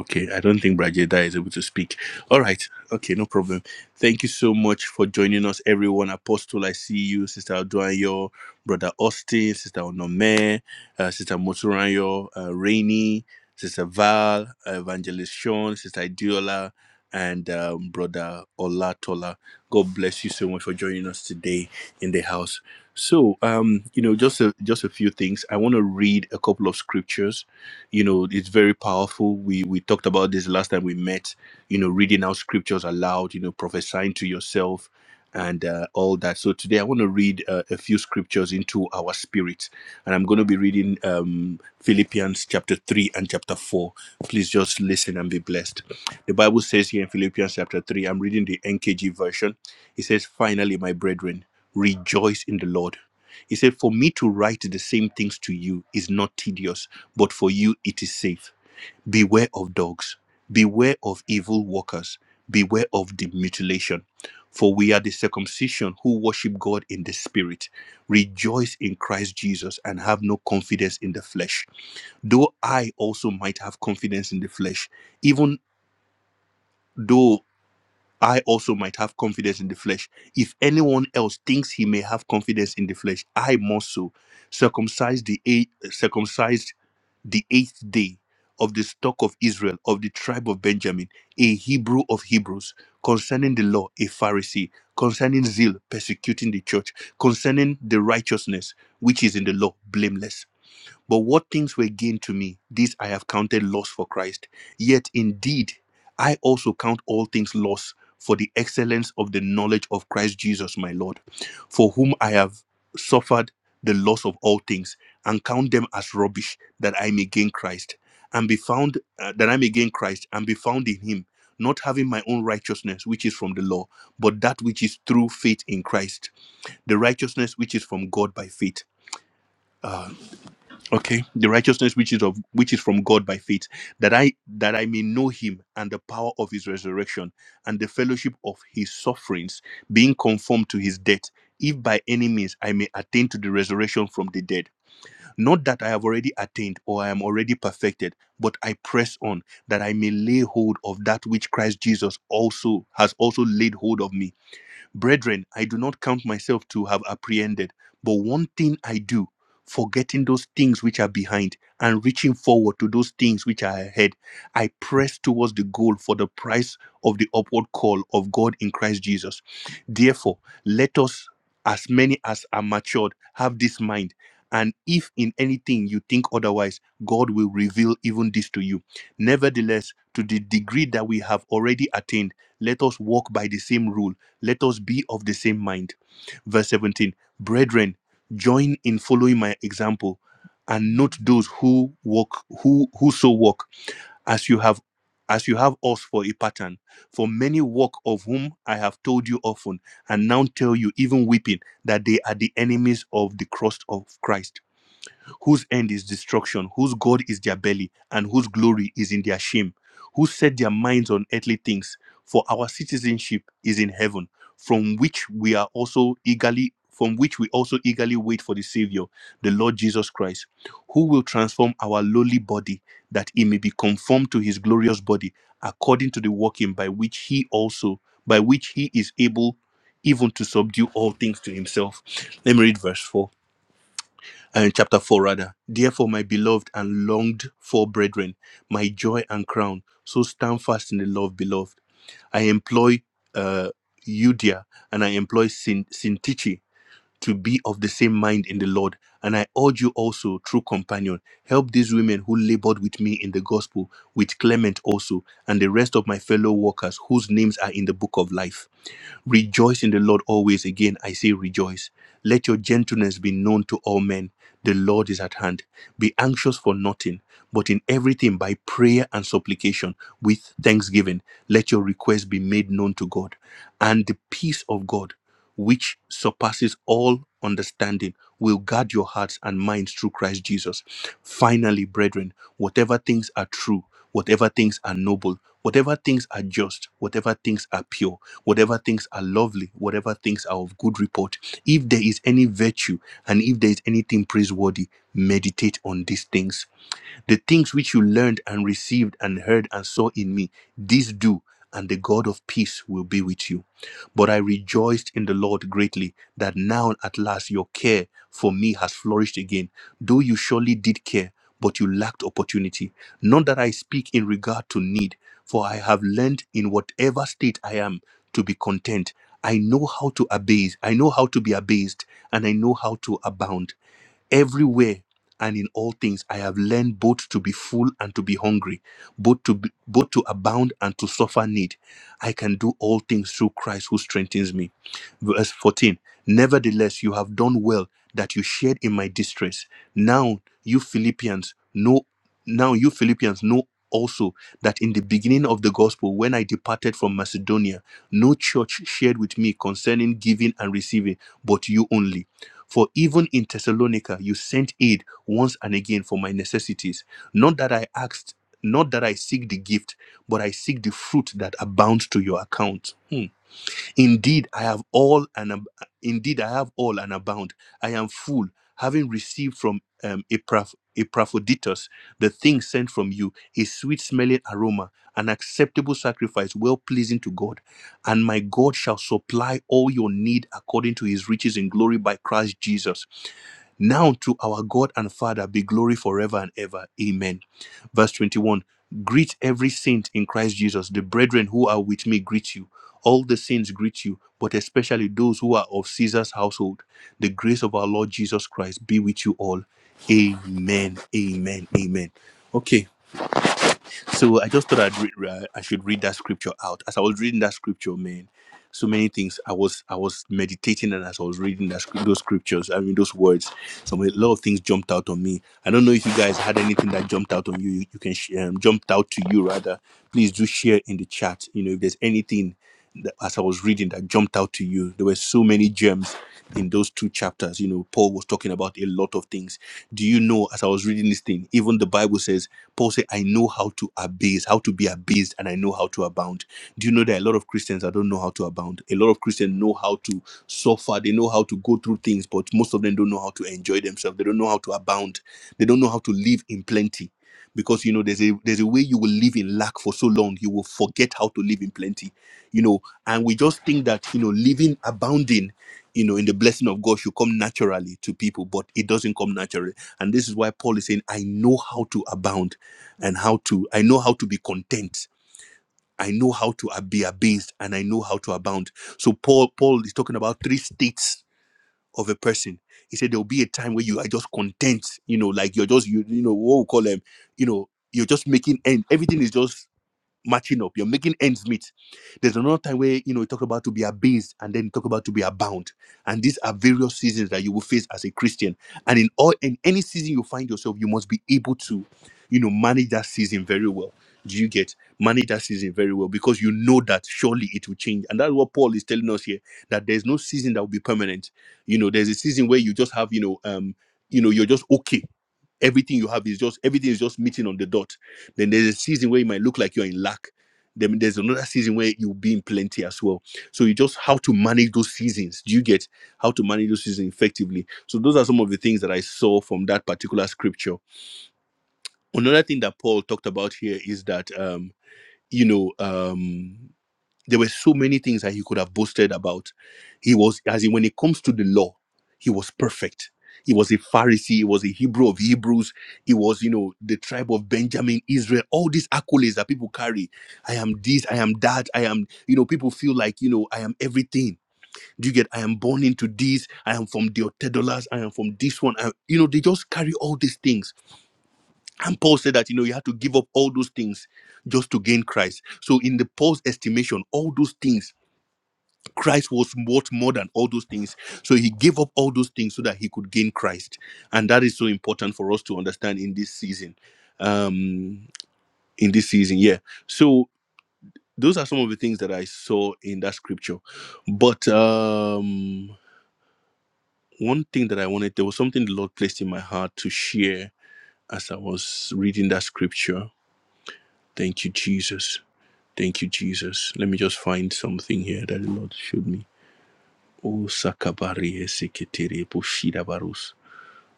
Okay, I don't think Brajeda is able to speak. All right, okay, no problem. Thank you so much for joining us, everyone. Apostle, I see you, Sister Aduanyo, Brother Austin, Sister Onome, uh, Sister Moturanyo, uh, Rainy, Sister Val, uh, Evangelist Sean, Sister Idiola, and um, Brother Olatola. God bless you so much for joining us today in the house. So, um, you know, just a, just a few things. I want to read a couple of scriptures you know it's very powerful we we talked about this last time we met you know reading out scriptures aloud you know prophesying to yourself and uh, all that so today i want to read uh, a few scriptures into our spirit and i'm going to be reading um, philippians chapter 3 and chapter 4 please just listen and be blessed the bible says here in philippians chapter 3 i'm reading the NKJ version it says finally my brethren rejoice in the lord he said, For me to write the same things to you is not tedious, but for you it is safe. Beware of dogs, beware of evil workers, beware of the mutilation. For we are the circumcision who worship God in the spirit, rejoice in Christ Jesus, and have no confidence in the flesh. Though I also might have confidence in the flesh, even though I also might have confidence in the flesh. If anyone else thinks he may have confidence in the flesh, I more so. Circumcised the eight, circumcised the eighth day of the stock of Israel, of the tribe of Benjamin, a Hebrew of Hebrews, concerning the law, a Pharisee, concerning zeal, persecuting the church, concerning the righteousness which is in the law, blameless. But what things were gained to me, these I have counted loss for Christ. Yet indeed, I also count all things loss for the excellence of the knowledge of Christ Jesus my Lord, for whom I have suffered the loss of all things, and count them as rubbish, that I may gain Christ, and be found uh, that I may gain Christ, and be found in Him, not having my own righteousness which is from the law, but that which is through faith in Christ, the righteousness which is from God by faith Okay, the righteousness which is of which is from God by faith, that I that I may know him and the power of his resurrection and the fellowship of his sufferings, being conformed to his death, if by any means I may attain to the resurrection from the dead. Not that I have already attained or I am already perfected, but I press on that I may lay hold of that which Christ Jesus also has also laid hold of me. Brethren, I do not count myself to have apprehended, but one thing I do, forgetting those things which are behind and reaching forward to those things which are ahead, I press towards the goal for the price of the upward call of God in Christ Jesus. Therefore, let us, as many as are matured, have this mind. And if in anything you think otherwise, God will reveal even this to you. Nevertheless, to the degree that we have already attained, let us walk by the same rule let us be of the same mind. Verse 17 Brethren, join in following my example and note those who walk who whoso walk as you have as you have us for a pattern for many walk of whom i have told you often and now tell you even weeping that they are the enemies of the cross of christ whose end is destruction, whose God is their belly, and whose glory is in their shame, who set their minds on earthly things. For our citizenship is in heaven, from which we are also eagerly from which we also eagerly wait for the Savior, the Lord Jesus Christ, who will transform our lowly body that it may be conformed to his glorious body, according to the working by which he also by which he is able even to subdue all things to himself. Let me read verse 4 uh, chapter 4 rather therefore my beloved and longed for brethren my joy and crown so stand fast in the love beloved i employ uh eudia and i employ Sin- Sintiche to be of the same mind in the Lord. And I urge you also, true companion, help these women who labored with me in the gospel, with Clement also, and the rest of my fellow workers whose names are in the book of life. Rejoice in the Lord always. Again, I say rejoice. Let your gentleness be known to all men. The Lord is at hand. Be anxious for nothing, but in everything by prayer and supplication with thanksgiving, let your requests be made known to God. And the peace of God which surpasses all understanding, will guard your hearts and minds through Christ Jesus. Finally, brethren, whatever things are true, whatever things are noble, whatever things are just, whatever things are pure, whatever things are lovely, whatever things are of good report, if there is any virtue and if there is anything praiseworthy, meditate on these things the things which you learned and received and heard and saw in me, these do, and the God of peace will be with you. But I rejoiced in the Lord greatly that now at last your care for me has flourished again, though you surely did care, but you lacked opportunity. Not that I speak in regard to need, for I have learned in whatever state I am to be content. I know how to abase, I know how to be abased, and I know how to abound everywhere and in all things i have learned both to be full and to be hungry both to be, both to abound and to suffer need i can do all things through christ who strengthens me verse 14 nevertheless you have done well that you shared in my distress now you philippians know now you philippians know also that in the beginning of the gospel when i departed from macedonia no church shared with me concerning giving and receiving but you only for even in Thessalonica, you sent aid once and again for my necessities. Not that I asked, not that I seek the gift, but I seek the fruit that abounds to your account. Hmm. Indeed, I have all and ab- indeed I have all and abound. I am full, having received from um, Epaph- Epaphroditus the thing sent from you, a sweet-smelling aroma, an acceptable sacrifice, well pleasing to God. And my God shall supply all your need according to His riches in glory by Christ Jesus. Now to our God and Father be glory forever and ever. Amen. Verse 21 Greet every saint in Christ Jesus. The brethren who are with me greet you. All the saints greet you, but especially those who are of Caesar's household. The grace of our Lord Jesus Christ be with you all. Amen. Amen. Amen. Okay, so I just thought I'd read, uh, I should read that scripture out. As I was reading that scripture, man, so many things. I was I was meditating and as I was reading that, scrip- those scriptures, I mean those words, some a lot of things jumped out on me. I don't know if you guys had anything that jumped out on you. You, you can sh- um, jumped out to you rather. Please do share in the chat. You know if there's anything that, as I was reading that jumped out to you. There were so many gems in those two chapters. You know Paul was talking about a lot of things. Do you know as I was reading this thing, even the Bible says Paul said, "I know how to abase, how to be abased, and I know how to abound." do you know that a lot of Christians that don't know how to abound? A lot of Christians know how to suffer, they know how to go through things, but most of them don't know how to enjoy themselves. They don't know how to abound. They don't know how to live in plenty. Because you know, there's a there's a way you will live in lack for so long, you will forget how to live in plenty. You know, and we just think that you know, living abounding, you know, in the blessing of God should come naturally to people, but it doesn't come naturally. And this is why Paul is saying, I know how to abound and how to, I know how to be content I know how to be abased and I know how to abound. So Paul, Paul is talking about three states of a person. He said there will be a time where you are just content, you know, like you're just you, you know what we call them, you know, you're just making end. Everything is just matching up. You're making ends meet. There's another time where you know you talk about to be abased and then you talk about to be abound. And these are various seasons that you will face as a Christian. And in all in any season you find yourself, you must be able to, you know, manage that season very well. Do you get manage that season very well? Because you know that surely it will change. And that's what Paul is telling us here that there's no season that will be permanent. You know, there's a season where you just have, you know, um, you know, you're just okay everything you have is just everything is just meeting on the dot. Then there's a season where you might look like you're in lack. Then there's another season where you'll be in plenty as well. So you just how to manage those seasons. Do you get how to manage those seasons effectively? So those are some of the things that I saw from that particular scripture. Another thing that Paul talked about here is that um, you know, um there were so many things that he could have boasted about. He was, as in, when it comes to the law, he was perfect. He was a Pharisee. He was a Hebrew of Hebrews. He was, you know, the tribe of Benjamin, Israel. All these accolades that people carry. I am this. I am that. I am, you know, people feel like, you know, I am everything. Do you get? I am born into this. I am from the Otedolas. I am from this one. I, you know, they just carry all these things. And Paul said that, you know, you have to give up all those things just to gain Christ. So in the Paul's estimation, all those things Christ was what more than all those things. So he gave up all those things so that he could gain Christ. And that is so important for us to understand in this season. Um, in this season, yeah. So those are some of the things that I saw in that scripture. But um one thing that I wanted, there was something the Lord placed in my heart to share as I was reading that scripture. Thank you, Jesus. Thank you, Jesus. Let me just find something here that the Lord showed me. O Sakabari Esekitiri Bushida Barus.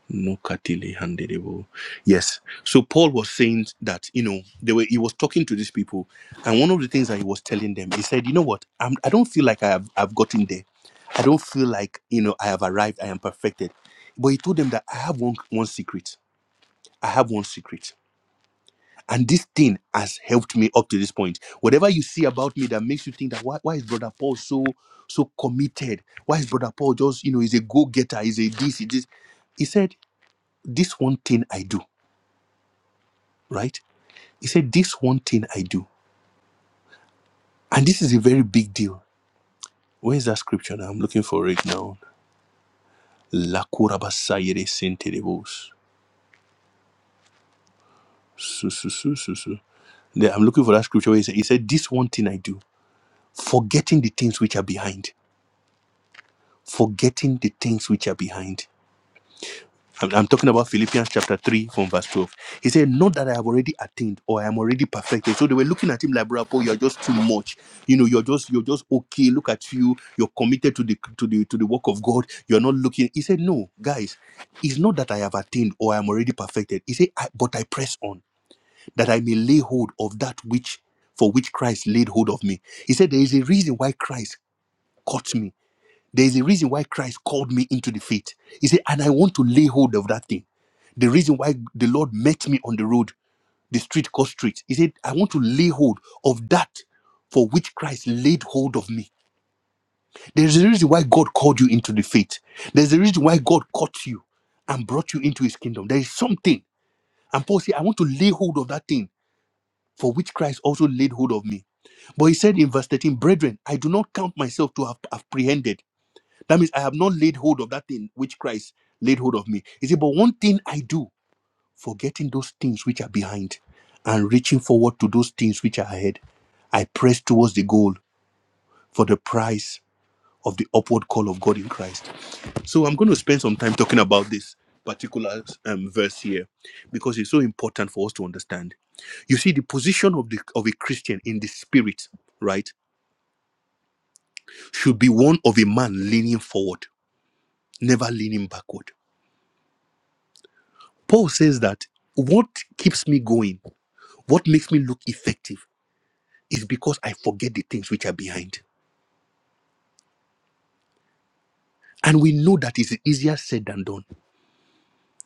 No Katili Handerebo. Yes. So Paul was saying that, you know, they were he was talking to these people, and one of the things that he was telling them, he said, you know what, I'm I don't feel like I have I've gotten there. I don't feel like you know I have arrived, I am perfected. But he told them that I have one one secret. I have one secret. And this thing has helped me up to this point. Whatever you see about me that makes you think that why, why is Brother Paul so so committed? Why is Brother Paul just, you know, he's a go-getter, he's a this, he's this. He said, This one thing I do, right? He said, This one thing I do. And this is a very big deal. Where is that scripture now? I'm looking for it now. Lakurabasayere senterebos. Su, su, su, su, su. There, I'm looking for that scripture where he said, he said, This one thing I do, forgetting the things which are behind. forgetting the things which are behind. I'm, I'm talking about Philippians chapter 3 from verse 12. He said, Not that I have already attained or I am already perfected. So they were looking at him like, Bro, Paul, you're just too much. You know, you're just you're just okay. Look at you. You're committed to the to the to the work of God. You're not looking. He said, No, guys, it's not that I have attained or I am already perfected. He said, I, but I press on that I may lay hold of that which for which Christ laid hold of me. He said, There is a reason why Christ caught me there is a reason why Christ called me into the faith. He said, and I want to lay hold of that thing. The reason why the Lord met me on the road, the street called street, he said, I want to lay hold of that for which Christ laid hold of me. There's a reason why God called you into the faith. There's a reason why God caught you and brought you into his kingdom. There is something. And Paul said, I want to lay hold of that thing for which Christ also laid hold of me. But he said in verse 13, Brethren, I do not count myself to have apprehended. That means I have not laid hold of that thing which Christ laid hold of me. He said, But one thing I do, forgetting those things which are behind and reaching forward to those things which are ahead, I press towards the goal for the prize of the upward call of God in Christ. So I'm going to spend some time talking about this particular um, verse here because it's so important for us to understand. You see, the position of the of a Christian in the spirit, right, should be one of a man leaning forward, never leaning backward Paul says that what keeps me going, what makes me look effective, is because I forget the things which are behind. And we know that it's easier said than done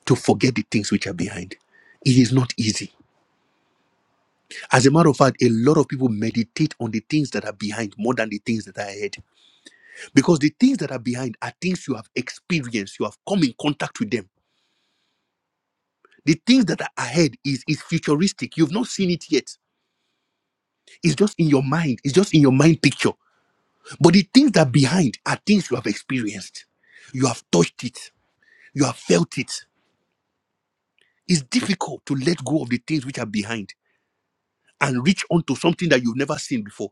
to forget the things which are behind. It is not easy. As a matter of fact, a lot of people meditate on the things that are behind more than the things that are ahead. Because the things that are behind are things you have experienced, you have come in contact with them. The things that are ahead is, is futuristic. You've not seen it yet. It's just in your mind. It's just in your mind picture. But the things that behind are things you have experienced. You have touched it. You have felt it. It's difficult to let go of the things which are behind and reach onto something that you've never seen before.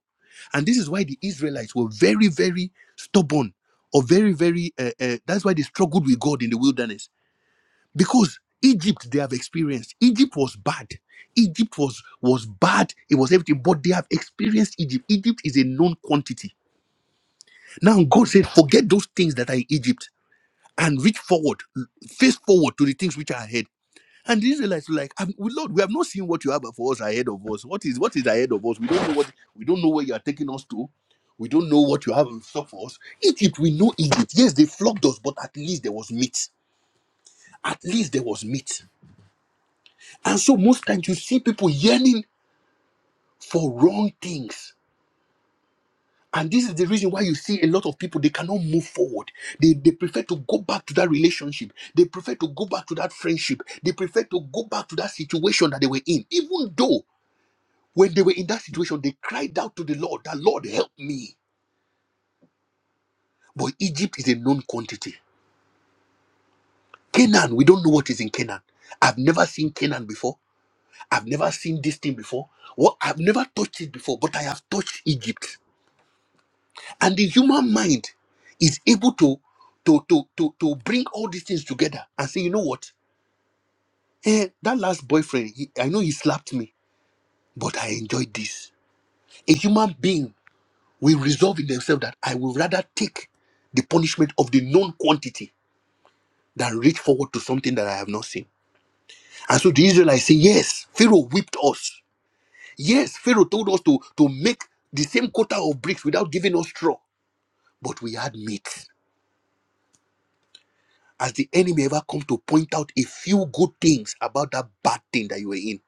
And this is why the Israelites were very, very stubborn or very, very, uh, uh, that's why they struggled with God in the wilderness because Egypt they have experienced. Egypt was bad. Egypt was was bad. It was everything, but they have experienced Egypt. Egypt is a known quantity. Now God said, forget those things that are in Egypt. and reach forward, face forward to the things which are ahead. And the Israelites were like, "Um, Lord, we have not seen what you have for us ahead of us. What is what is ahead of us? We don't know what we don't know where you are taking us to. We don't know what you have in stock for us. Egypt, we know Egypt. Yes, they flogged us, but at least there was meat. At least there was meat. And so most times you see people yearning for wrong things And this is the reason why you see a lot of people, they cannot move forward. They, they prefer to go back to that relationship. They prefer to go back to that friendship. They prefer to go back to that situation that they were in. Even though when they were in that situation, they cried out to the Lord, that Lord help me. But Egypt is a known quantity. Canaan, we don't know what is in Canaan. I've never seen Canaan before. I've never seen this thing before. Well, I've never touched it before, but I have touched Egypt. And the human mind is able to to to to, to bring all these things together and say, you know what? Eh, that last boyfriend, he, I know he slapped me, but I enjoyed this. A human being will resolve in themselves that I will rather take the punishment of the known quantity than reach forward to something that I have not seen. And so the Israelites say, Yes, Pharaoh whipped us. Yes, Pharaoh told us to, to make the same quota of bricks without giving us straw, but we had meat. Has the enemy ever come to point out a few good things about that bad thing that you were in,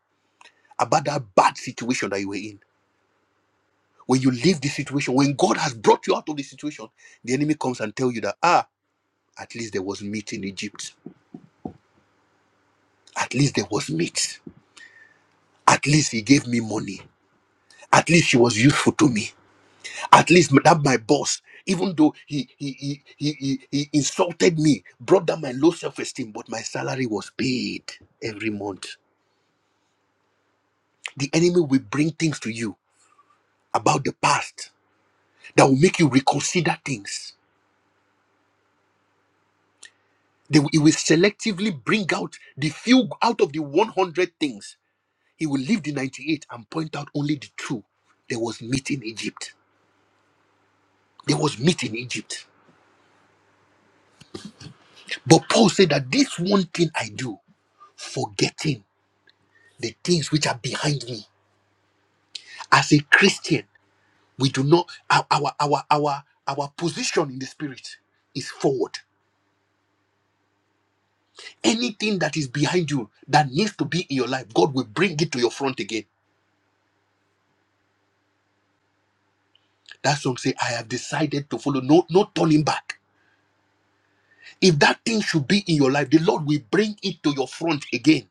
about that bad situation that you were in? When you leave the situation, when God has brought you out of the situation, the enemy comes and tell you that ah, at least there was meat in Egypt. At least there was meat. At least he gave me money. At least she was useful to me. At least that my boss, even though he he he he, he, he insulted me, brought down my low self-esteem, but my salary was paid every month. The enemy will bring things to you about the past that will make you reconsider things. They will, he will selectively bring out the few out of the 100 things. He will leave the 98 and point out only the two. There was meat in Egypt. There was meat in Egypt. But Paul said that this one thing I do, forgetting the things which are behind me. As a Christian, we do not our our our our, our position in the spirit is forward. Anything that is behind you that needs to be in your life, God will bring it to your front again. That song say, I have decided to follow. No, no turning back. If that thing should be in your life, the Lord will bring it to your front again.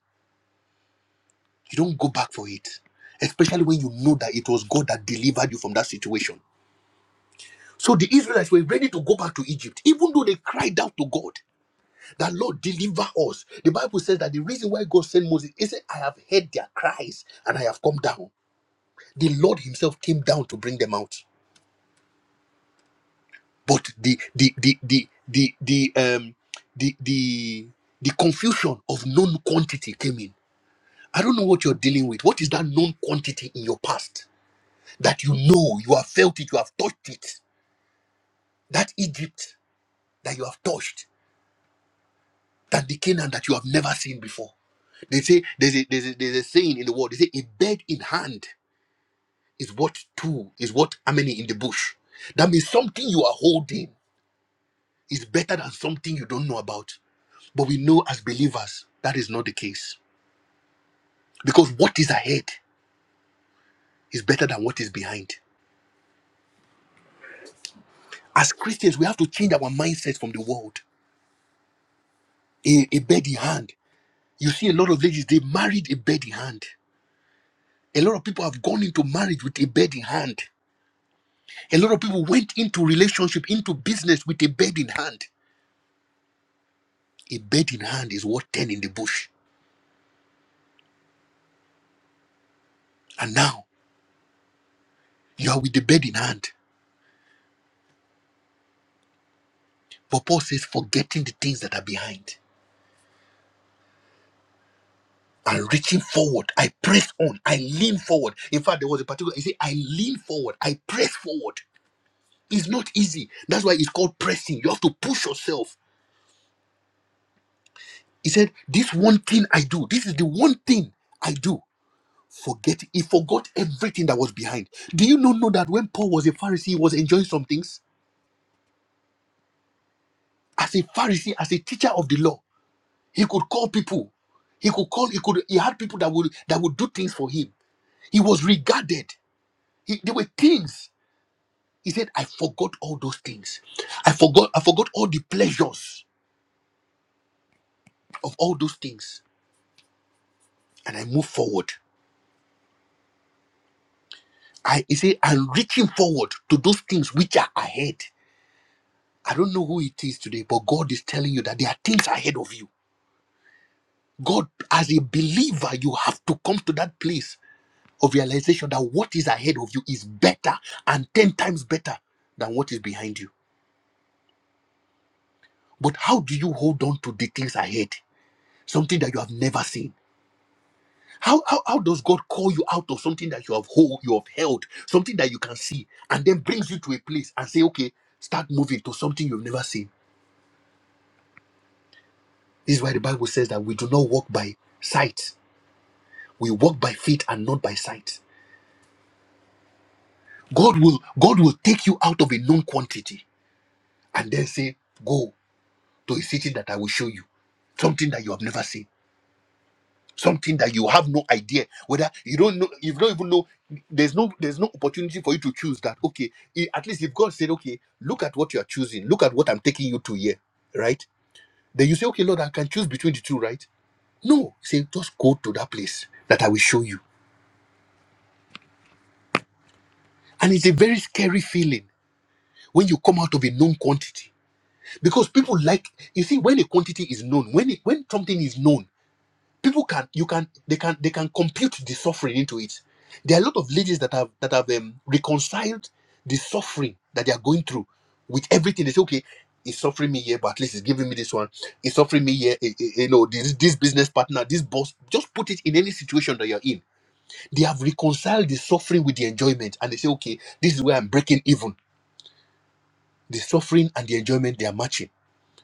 You don't go back for it. Especially when you know that it was God that delivered you from that situation. So the Israelites were ready to go back to Egypt, even though they cried out to God that Lord deliver us. The Bible says that the reason why God sent Moses is that I have heard their cries and I have come down. The Lord Himself came down to bring them out. but the the the the the the um the the the confusion of known quantity came in i don't know what you're dealing with what is that known quantity in your past that you know you have felt it you have touched it that egypt that you have touched that the canaan that you have never seen before they say there's a, there's a there's a saying in the world they say a bird in hand is what two is what how many in the bush that means something you are holding Is better than something you don't know about. But we know as believers that is not the case. Because what is ahead is better than what is behind. As Christians, we have to change our mindset from the world. A, a bed in hand. You see, a lot of ladies, they married a bed in hand. A lot of people have gone into marriage with a bed in hand. A lot of people went into relationship, into business with a bed in hand. A bed in hand is worth 10 in the bush. And now you are with the bed in hand. But Paul says, forgetting the things that are behind. I'm reaching forward. I press on. I lean forward. In fact, there was a particular, you see, I lean forward. I press forward. It's not easy. That's why it's called pressing. You have to push yourself. He said, This one thing I do, this is the one thing I do. Forget, he forgot everything that was behind. Do you not know that when Paul was a Pharisee, he was enjoying some things? As a Pharisee, as a teacher of the law, he could call people. He could call, he could, he had people that would that would do things for him. He was regarded. He, there were things He said, I forgot all those things. I forgot, I forgot all the pleasures of all those things. And I move forward. I he said, I'm reaching forward to those things which are ahead. I don't know who it is today, but God is telling you that there are things ahead of you. God, as a believer, you have to come to that place of realization that what is ahead of you is better and 10 times better than what is behind you. But how do you hold on to the things ahead? Something that you have never seen How, how, how does God call you out of something that you have hold, you have held, something that you can see, and then brings you to a place and say, okay, start moving to something you've never seen? This is why the Bible says that we do not walk by sight. We walk by faith and not by sight. God will God will take you out of a known quantity and then say, go to a city that I will show you, something that you have never seen. something that you have no idea whether you don't know you don't even know there's no there's no opportunity for you to choose that okay i- at least if god said okay look at what you are choosing look at what i'm taking you to here right then you say okay lord i can choose between the two right no say just go to that place that i will show you and it's a very scary feeling when you come out of a known quantity because people like you see when a quantity is known when it, when something is known people can you can they can they can compute the suffering into it there are a lot of ladies that have that have um, reconciled the suffering that they are going through with everything they say okay it's suffering me here but at least it's giving me this one it's suffering me here eh, eh, eh, you know this, this business partner this boss just put it in any situation that you're in they have reconciled the suffering with the enjoyment and they say okay this is where i'm breaking even the suffering and the enjoyment they are matching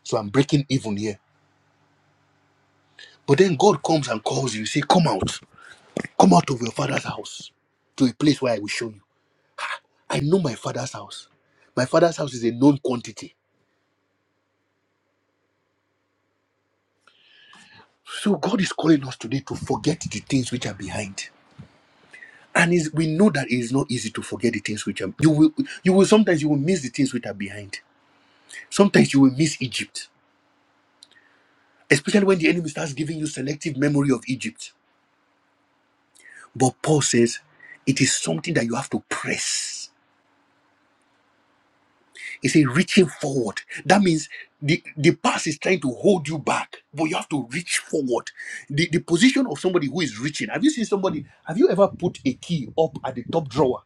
so i'm breaking even here but then god comes and calls you say come out Come out of your father's house to a place where I will show you. I know my father's house. My father's house is a known quantity. So God is calling us today to forget the things which are behind. And is we know that it is not easy to forget the things which are you will you will sometimes you will miss the things which are behind. Sometimes you will miss Egypt, especially when the enemy starts giving you selective memory of Egypt. But Paul says it is something that you have to press He said, reaching forward. That means the, the past is trying to hold you back, but you have to reach forward. The, the position of somebody who is reaching. Have you seen somebody? Have you ever put a key up at the top drawer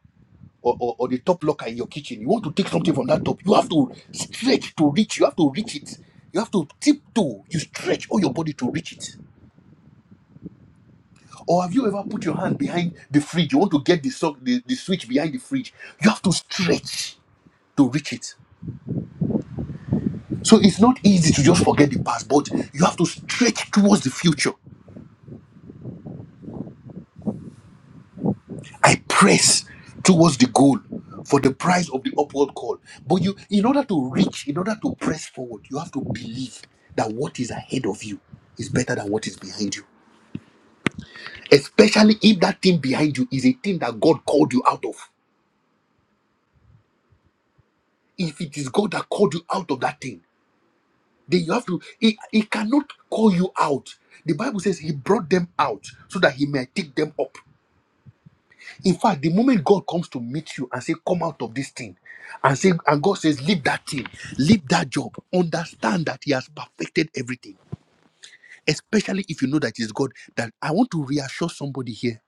or, or, or the top locker in your kitchen? You want to take something from that top. You have to stretch to reach. You have to reach it. You have to tiptoe. You stretch all your body to reach it. Or have you ever put your hand behind the fridge? You want to get the, sock, the, the switch behind the fridge. You have to stretch to reach it So it's not easy to just forget the past, but you have to stretch towards the future. I press towards the goal for the prize of the upward call. But you, in order to reach, in order to press forward, you have to believe that what is ahead of you is better than what is behind you. Especially if that thing behind you is a thing that God called you out of. If it is God that called you out of that thing, then you have to, he, he cannot call you out. The Bible says he brought them out so that he may take them up. In fact, the moment God comes to meet you and say, Come out of this thing, and say, and God says, Leave that thing, leave that job, understand that He has perfected everything. Especially if you know that it's God, that I want to reassure somebody here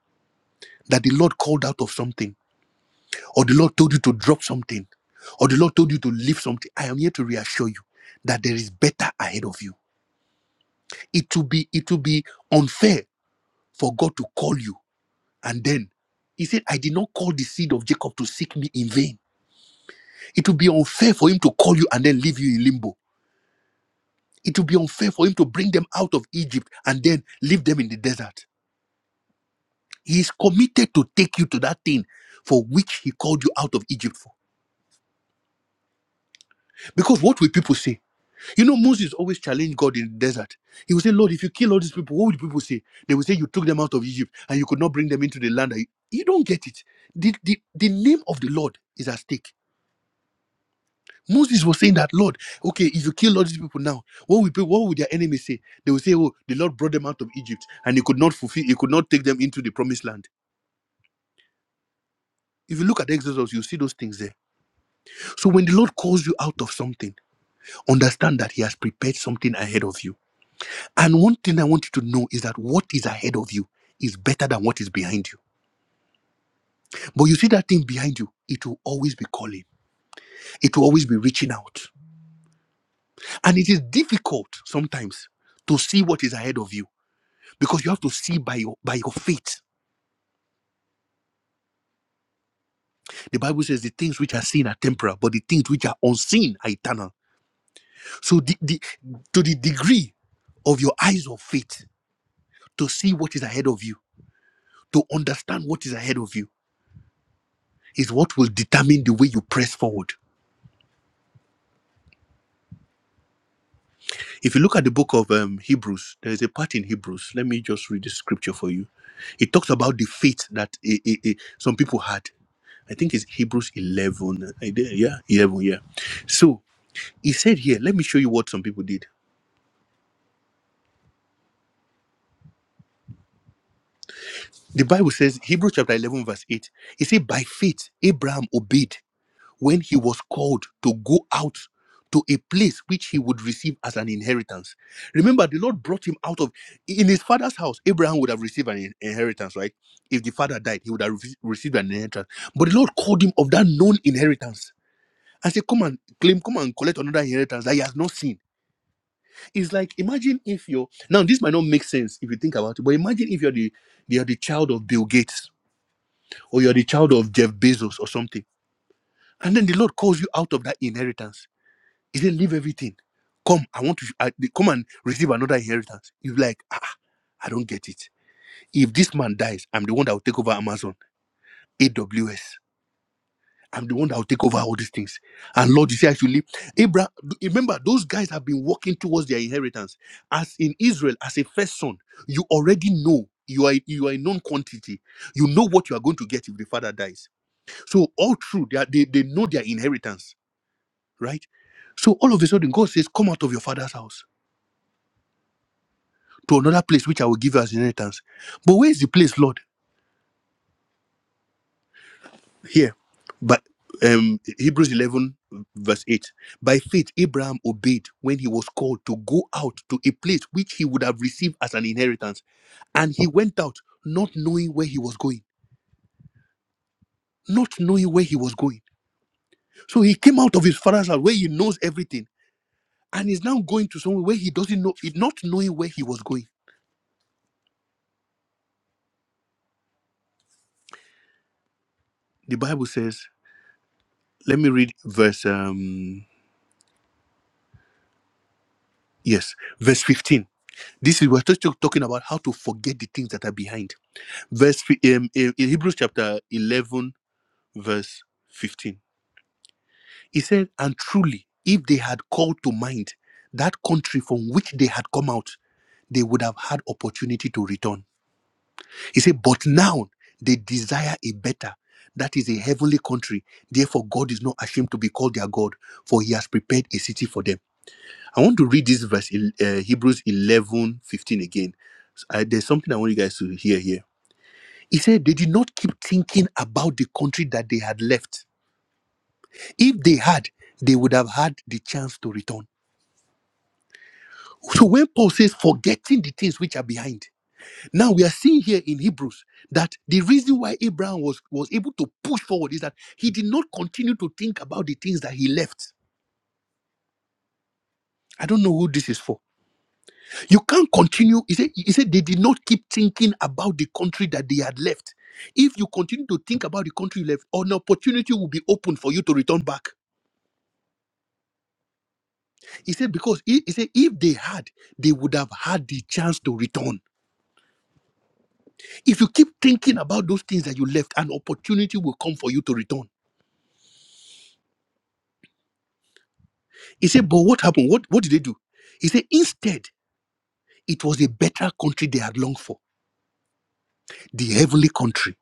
that the Lord called out of something, or the Lord told you to drop something, or the Lord told you to leave something. I am here to reassure you that there is better ahead of you. It will be, it will be unfair for God to call you and then he said, I did not call the seed of Jacob to seek me in vain. It would be unfair for him to call you and then leave you in limbo. It would be unfair for him to bring them out of Egypt and then leave them in the desert. He is committed to take you to that thing for which he called you out of Egypt for. Because what will people say? You know, Moses always challenged God in the desert. He would say, Lord, if you kill all these people, what would people say? They would say, You took them out of Egypt and you could not bring them into the land. that You you don't get it. The, the, the name of the Lord is at stake. Moses was saying that, Lord, okay, if you kill all these people now, what will people, what will their enemies say? They will say, Oh, the Lord brought them out of Egypt and he could not fulfill, he could not take them into the promised land. If you look at Exodus, you see those things there. So when the Lord calls you out of something, understand that He has prepared something ahead of you. And one thing I want you to know is that what is ahead of you is better than what is behind you. But you see that thing behind you, it will always be calling, it will always be reaching out. And it is difficult sometimes to see what is ahead of you because you have to see by your by your faith. The Bible says the things which are seen are temporal, but the things which are unseen are eternal. So the, the to the degree of your eyes of faith to see what is ahead of you, to understand what is ahead of you, is what will determine the way you press forward. If you look at the book of um, Hebrews, there is a part in Hebrews. Let me just read the scripture for you. It talks about the faith that eh, eh, eh, some people had. I think it's Hebrews 11. I Yeah, 11, yeah. So He said here, let me show you what some people did. The Bible says, Hebrews chapter 11, verse 8, it said, By faith, Abraham obeyed when he was called to go out to a place which he would receive as an inheritance. Remember, the Lord brought him out of, in his father's house, Abraham would have received an in- inheritance, right? If the father died, he would have re- received an inheritance. But the Lord called him of that known inheritance and said, Come and claim, come and collect another inheritance that he has not seen. It's like imagine if you're now this might not make sense if you think about it, but imagine if you're the you're the child of Bill Gates or you're the child of Jeff Bezos or something, and then the Lord calls you out of that inheritance. He said, "Leave everything, come. I want to I, come and receive another inheritance." You're like, ah, I don't get it. If this man dies, I'm the one that will take over Amazon, AWS. I'm the one that will take over all these things. And Lord, you see, actually, Abraham, remember, those guys have been walking towards their inheritance. As in Israel, as a first son, you already know you are you are a known quantity. You know what you are going to get if the father dies. So all through, they, are, they, they know their inheritance, right? So all of a sudden, God says, Come out of your father's house to another place which I will give you as inheritance. But where is the place, Lord? here but um hebrews 11 verse 8 by faith abraham obeyed when he was called to go out to a place which he would have received as an inheritance and he went out not knowing where he was going not knowing where he was going so he came out of his father's house where he knows everything and is now going to somewhere where he doesn't know it not knowing where he was going the bible says let me read verse um yes verse 15 this is we're just talking about how to forget the things that are behind verse fi- um, in in Hebrews chapter 11, verse 15. He said, And truly, if they had called to mind that country from which they had come out, they would have had opportunity to return. He said, But now they desire a better. That is a heavenly country. Therefore, God is not ashamed to be called their God, for he has prepared a city for them. I want to read this verse, uh, Hebrews 11 15 again. I, there's something I want you guys to hear here. He said they did not keep thinking about the country that they had left. If they had, they would have had the chance to return. So when Paul says forgetting the things which are behind, now we are seeing here in Hebrews that the reason why Abraham was, was able to push forward is that he did not continue to think about the things that he left. I don't know who this is for. You can't continue. He said, he said they did not keep thinking about the country that they had left. If you continue to think about the country you left, an opportunity will be open for you to return back. He said, because he, he said, if they had, they would have had the chance to return. If you keep thinking about those things that you left, an opportunity will come for you to return. He said, but what happened? What, what did they do? He said, instead, it was a better country they had longed for, the heavenly country.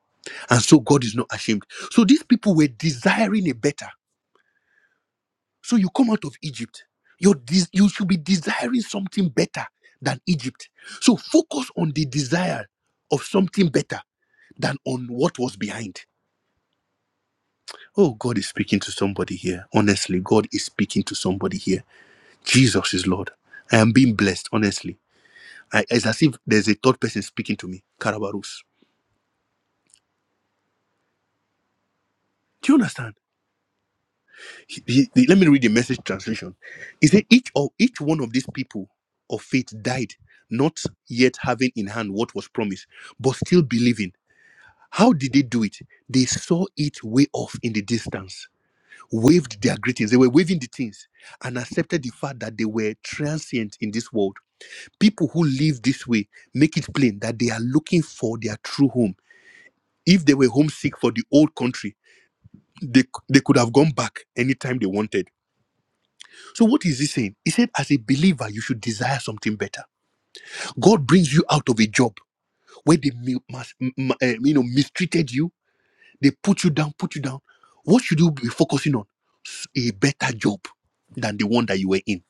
And so God is not ashamed. So these people were desiring a better. So you come out of Egypt, you you should be desiring something better than Egypt. So focus on the desire of something better than on what was behind. Oh, God is speaking to somebody here. Honestly, God is speaking to somebody here. Jesus is Lord. I am being blessed, honestly. I, it's as if there's a third person speaking to me, Karabarus. Do you understand? He- he- he- let me read the message translation. He said, each of each one of these people of faith died, not yet having in hand what was promised, but still believing. How did they do it? They saw it way off in the distance, waved their greetings. They were waving the things and accepted the fact that they were transient in this world people who live this way make it plain that they are looking for their true home. If they were homesick for the old country, they, they could have gone back anytime they wanted. So, what is he saying? He said, as a believer, you should desire something better. God brings you out of a job where they mi- mas- m- m- eh, you know, mistreated you, they put you down, put you down. What should you be focusing on? S- A better job than the one that you were in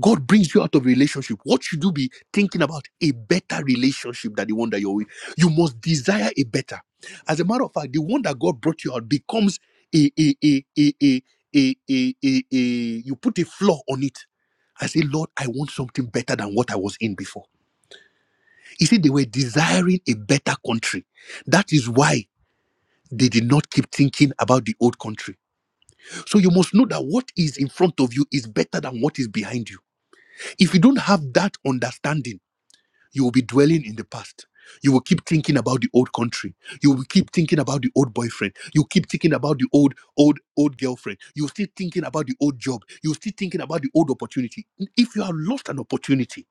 God brings you out of a relationship. What should you be thinking about? A better relationship than the one that you're in. You must desire a better. As a matter of fact, the one that God brought you out becomes a a a a a a a, a, a you put a flaw on it. I say, Lord, I want something better than what I was in before. You see, they were desiring a better country. That is why they did not keep thinking about the old country. So you must know that what is in front of you is better than what is behind you. If you don't have that understanding, You will be dwelling in the past. You will keep thinking about the old country. You will keep thinking about the old boyfriend. You keep thinking about the old, old, old girlfriend. You're still thinking about the old job. You're still thinking about the old opportunity. If you have lost an opportunity,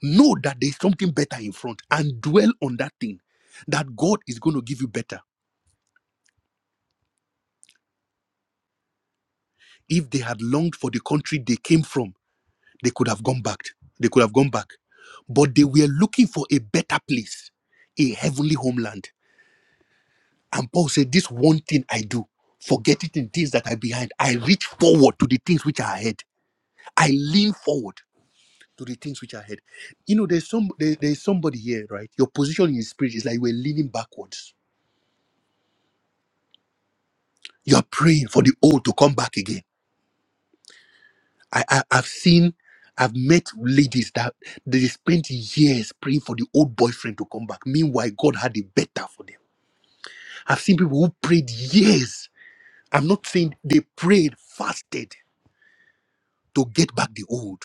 know that there's something better in front and dwell on that thing that God is going to give you better. If they had longed for the country they came from, they could have gone back. They could have gone back. But they were looking for a better place, a heavenly homeland And Paul said, This one thing I do, forgetting the things that are behind, I reach forward to the things which are ahead. I lean forward to the things which are ahead. You know, there's some there, there's somebody here, right? Your position in the spirit is like you are leaning backwards. You are praying for the old to come back again. I, I I've seen I've met ladies that they spent years praying for the old boyfriend to come back. Meanwhile, God had it better for them. I've seen people who prayed years. I'm not saying they prayed, fasted to get back the old.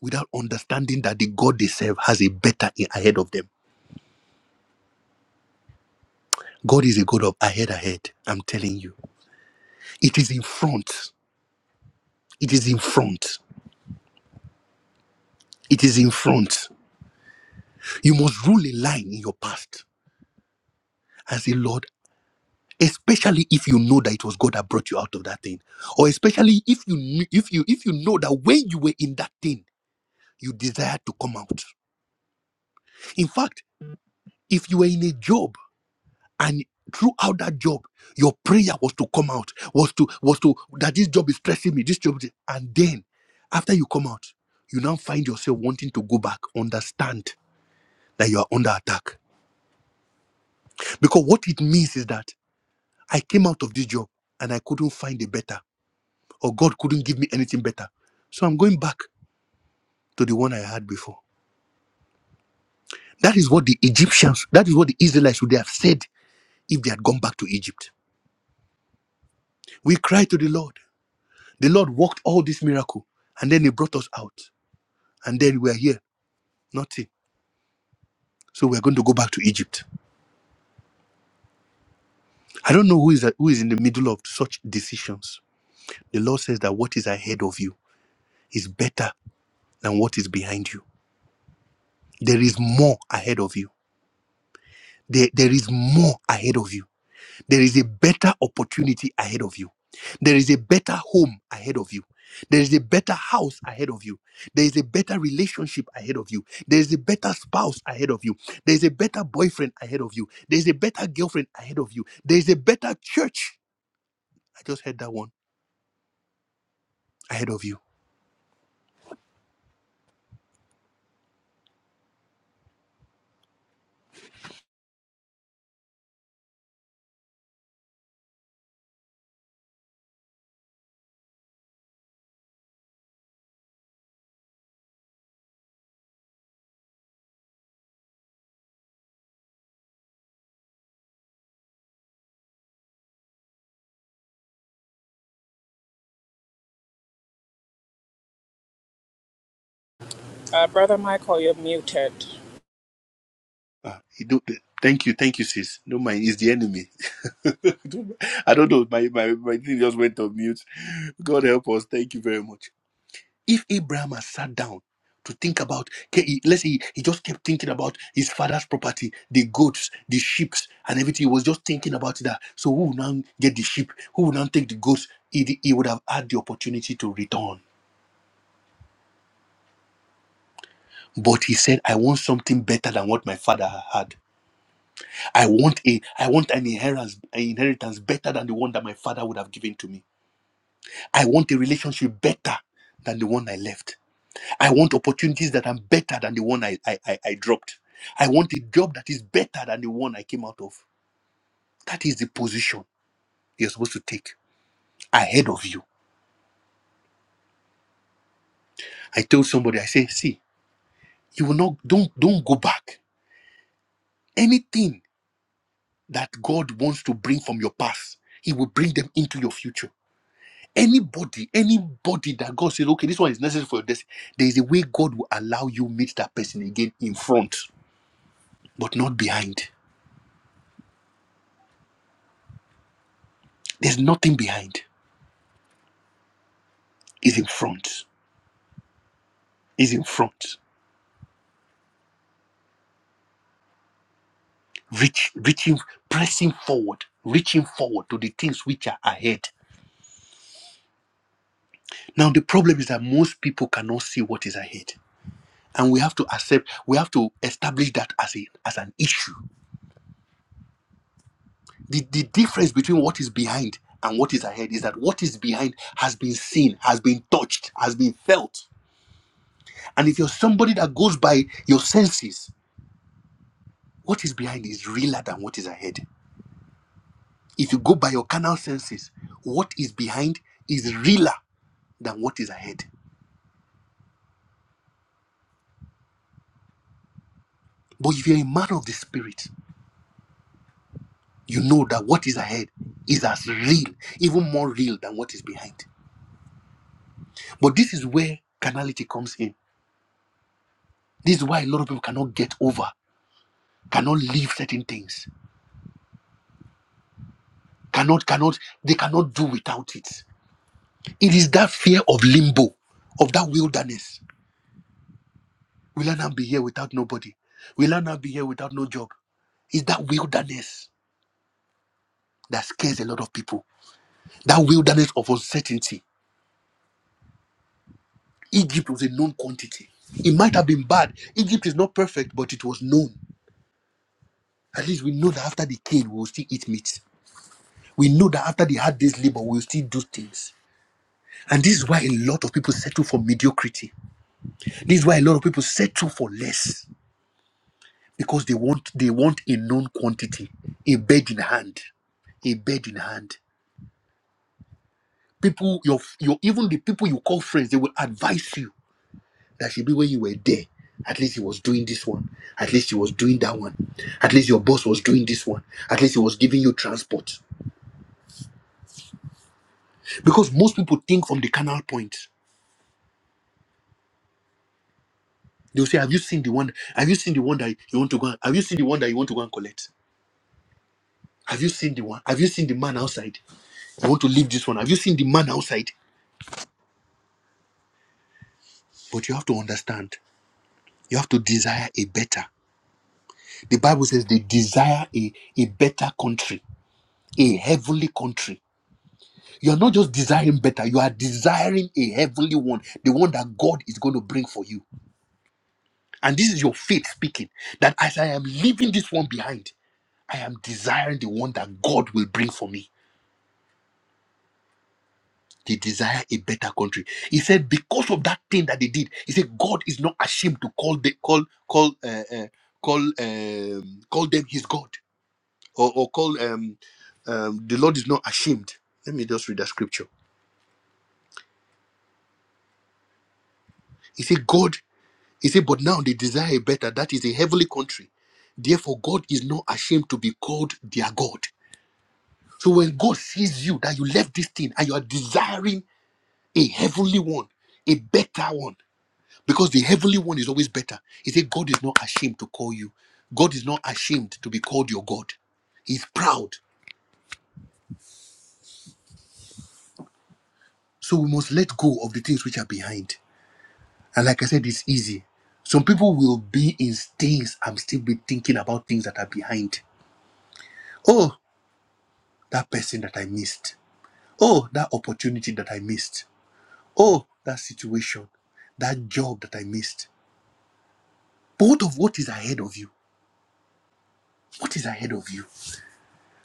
without understanding that the God they serve has a better in ahead of them. God is a God of ahead ahead. I'm telling you. It is in front. It is in front. It is in front. You must rule a line in your past and say, Lord, especially if you know that it was God that brought you out of that thing. Or especially if you kn- if you if you know that when you were in that thing, you desired to come out. In fact, if you were in a job and throughout that job your prayer was to come out was to was to that this job is stressing me this job is, and then after you come out you now find yourself wanting to go back understand that you are under attack because what it means is that i came out of this job and i couldn't find a better or god couldn't give me anything better so i'm going back to the one i had before that is what the egyptians that is what the israelites would have said if they had gone back to egypt we cry to the lord The Lord worked all this miracle and then He brought us out. And then we are here, nothing. So we're going to go back to Egypt. I don't know who is, who is in the middle of such decisions. The Lord says that what is ahead of you is better than what is behind you. There is more ahead of you. There, there is more ahead of you. There is a better opportunity ahead of you. There is a better home ahead of you. There is a better house ahead of you. There is a better relationship ahead of you. There is a better spouse ahead of you. There is a better boyfriend ahead of you. There is a better girlfriend ahead of you. There is a better church. I just heard that one ahead of you. Uh, Brother Michael, you're muted. Ah, you do- thank you, thank you, sis. No mind, it's the enemy. [laughs] I don't know. My my my thing just went on mute. God help us. Thank you very much. If Abraham had sat down to think about, okay, he- let's say he, he just kept thinking about his father's property, the goats, the sheep, and everything, he was just thinking about that. So who would now get the sheep? Who would now take the goats? He, di- he would have had the opportunity to return. But he said, "I want something better than what my father had. I want a, I want an inheritance, an inheritance better than the one that my father would have given to me. I want a relationship better than the one I left." I want opportunities that are better than the one I, I, I, I dropped. I want a job that is better than the one I came out of. That is the position you're supposed to take ahead of you. I told somebody, I say, see, you will not don't don't go back. Anything that God wants to bring from your past, He will bring them into your future. Anybody, anybody that God says, okay, this one is necessary for your destiny. there is a way God will allow you meet that person again in front, but not behind. There's nothing behind. It's in front. is in front, reach, reaching, pressing forward, reaching forward to the things which are ahead. Now, the problem is that most people cannot see what is ahead. And we have to accept, we have to establish that as, a, as an issue. The, the difference between what is behind and what is ahead is that what is behind has been seen, has been touched, has been felt. And if you're somebody that goes by your senses, what is behind is realer than what is ahead. If you go by your carnal senses, what is behind is realer than what is ahead. But if you're a man of the spirit, you know that what is ahead is as real, even more real than what is behind. But this is where carnality comes in. This is why a lot of people cannot get over, cannot leave certain things, cannot, cannot, they cannot do without it. It is that fear of limbo, of that wilderness. Will I not be here without nobody? Will I not be here without no job? It's that wilderness that scares a lot of people. That wilderness of uncertainty Egypt was a known quantity. It might have been bad. Egypt is not perfect, but it was known. At least we know that after they killed, we will still eat meat. We know that after they had this labor, we will still do things. And this is why a lot of people settle for mediocrity. This is why a lot of people settle for less because they want they want a known quantity, a bed in hand, a bed in hand. People, your your even the people you call friends, they will advise you That should be when you were there. At least he was doing this one. At least he was doing that one. At least your boss was doing this one. At least he was giving you transport. Because most people think from the carnal point. They'll say, Have you seen the one? Have you seen the one that you want to go and have you seen the one that you want to go and collect? Have you seen the one? Have you seen the man outside? You want to leave this one. Have you seen the man outside? But you have to understand. You have to desire a better. The Bible says they desire a, a better country, a heavenly country You are not just desiring better, you are desiring a heavenly one, the one that God is going to bring for you. And this is your faith speaking that as I am leaving this one behind, I am desiring the one that God will bring for me. They desire a better country. He said, because of that thing that they did, he said, God is not ashamed to call the call call uh, uh, call um, call them His God, or, or call um, um, the Lord is not ashamed. Let me just read that scripture. He said, God. He said, But now they desire a better, that is a heavenly country. Therefore, God is not ashamed to be called their God. So when God sees you that you left this thing and you are desiring a heavenly one, a better one, because the heavenly one is always better. He said, God is not ashamed to call you. God is not ashamed to be called your God. He's proud. So we must let go of the things which are behind. And like I said, it's easy. Some people will be in stains and still be thinking about things that are behind. Oh." that person that I missed. Oh, that opportunity that I missed. Oh, that situation, that job that I missed. But what of what is ahead of you? What is ahead of you?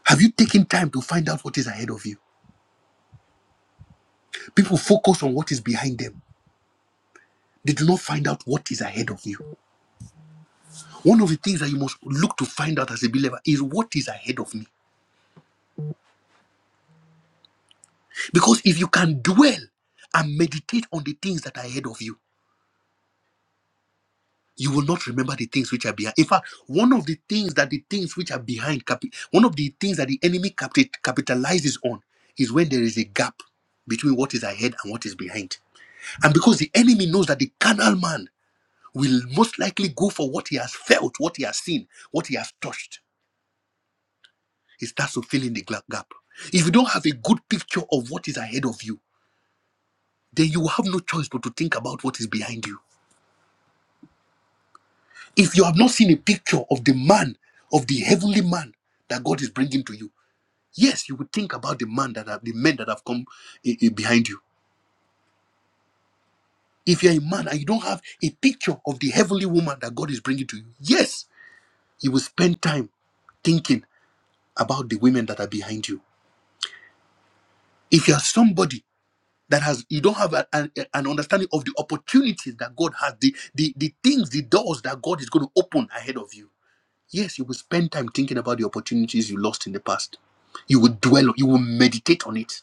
Have you taken time to find out what is ahead of you? People focus on what is behind them. They do not find out what is ahead of you. One of the things that you must look to find out as a believer is what is ahead of me. Because if you can dwell and meditate on the things that are ahead of you, you will not remember the things which are behind. In fact, one of the things that the things which are behind, capi- one of the things that the enemy capi- capitalizes on is when there is a gap between what is ahead and what is behind. And because the enemy knows that the carnal man will most likely go for what he has felt, what he has seen, what he has touched, he starts to fill in the gla- gap. If you don't have a good picture of what is ahead of you, then you will have no choice but to think about what is behind you If you have not seen a picture of the man, of the heavenly man that God is bringing to you, yes, you would think about the man that have, the men that have come eh, eh, behind you. If you're a man and you don't have a picture of the heavenly woman that God is bringing to you, yes, you will spend time thinking about the women that are behind you. If you are somebody that has you don't have a- an, an understanding of the opportunities that God has, the, the the things, the doors that God is going to open ahead of you Yes, you will spend time thinking about the opportunities you lost in the past. You will dwell, you will meditate on it.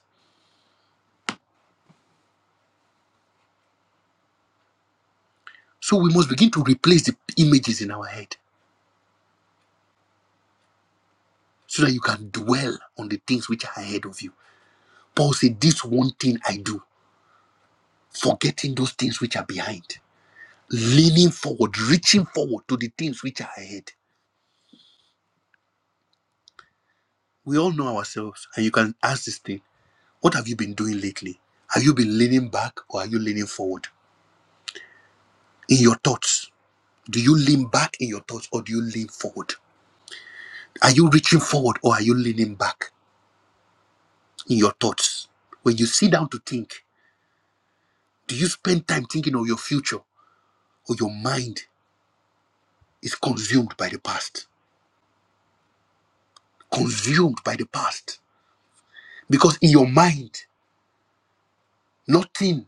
So we must begin to replace the images in our head so that you can dwell on the things which are ahead of you. Paul said, This one thing I do, forgetting those things which are behind, leaning forward, reaching forward to the things which are ahead. We all know ourselves, and you can ask this thing What have you been doing lately? Have you been leaning back or are you leaning forward? In your thoughts, do you lean back in your thoughts or do you lean forward? Are you reaching forward or are you leaning back in your thoughts? When you sit down to think, do you spend time thinking of your future or your mind is consumed by the past? Consumed by the past. Because in your mind, nothing,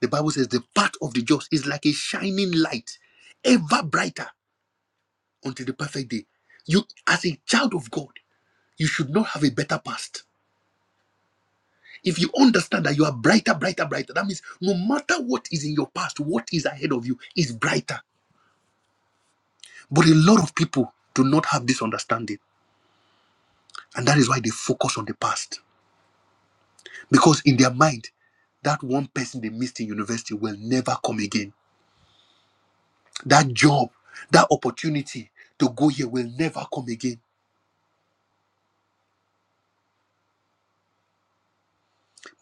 the Bible says, the path of the just is like a shining light, ever brighter until the perfect day. You, as a child of God, you should not have a better past. If you understand that you are brighter, brighter, brighter, that means no matter what is in your past, what is ahead of you is brighter But a lot of people do not have this understanding. And that is why they focus on the past. Because in their mind, that one person they missed in university will never come again. That job, that opportunity to go here will never come again.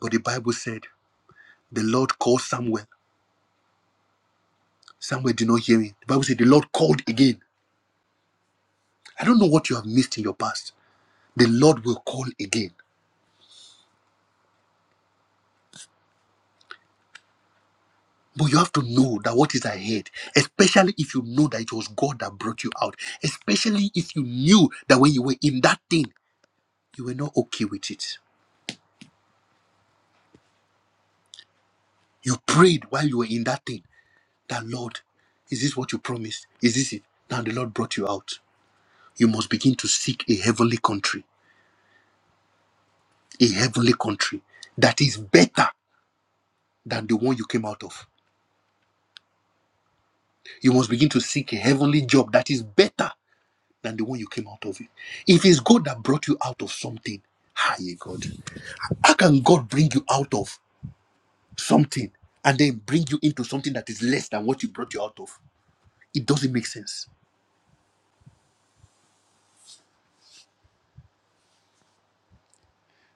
But the Bible said the Lord called Samuel. Samuel did not hear him. The Bible said the Lord called again. I don't know what you have missed in your past. The Lord will call again. But you have to know that what is ahead, especially if you know that it was God that brought you out, especially if you knew that when you were in that thing, you were not okay with it. You prayed while you were in that thing that, Lord, is this what you promised? Is this it? Now the Lord brought you out. You must begin to seek a heavenly country, a heavenly country that is better than the one you came out of. You must begin to seek a heavenly job that is better than the one you came out of. it. If it's God that brought you out of something, hi, God. How can God bring you out of something and then bring you into something that is less than what you brought you out of? It doesn't make sense.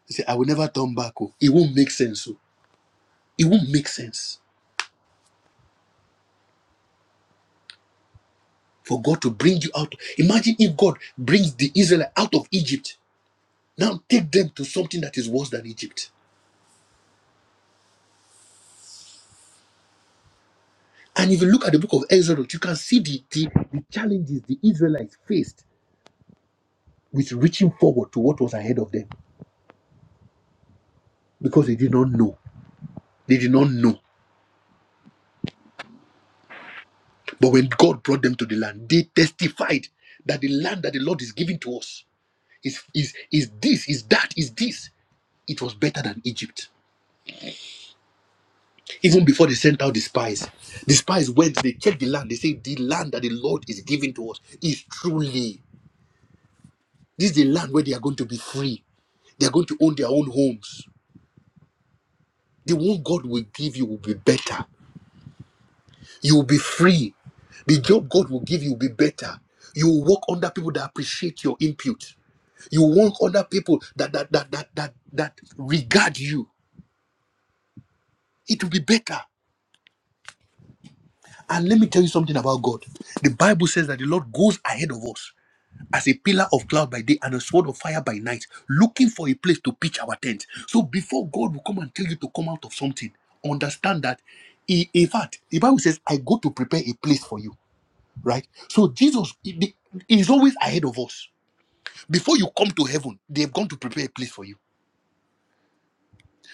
You say, I will never turn back. oh." It won't make sense. oh. It won't make sense for God to bring you out. Imagine if God brings the Israelite out of Egypt. Now take them to something that is worse than Egypt. And if you look at the book of Exodus, you can see the, the, the challenges the Israelites faced with reaching forward to what was ahead of them because they did not know. They did not know. But when God brought them to the land, they testified that the land that the Lord is giving to us is, is, is this, is that, is this. It was better than Egypt. Even before they sent out the spies, the spies went, they checked the land. They say, The land that the Lord is giving to us is truly, this is the land where they are going to be free. They are going to own their own homes. The one God will give you will be better You'll be free. The job God will give you will be better. You will work under people that appreciate your input. You will work under people that that that that that, that regard you. It will be better. And let me tell you something about God. The Bible says that the Lord goes ahead of us as a pillar of cloud by day and a sword of fire by night, looking for a place to pitch our tent. So before God will come and tell you to come out of something, understand that. He, in fact, the Bible says, I go to prepare a place for you. right? So Jesus he- the- is always ahead of us. Before you come to heaven, they've gone to prepare a place for you.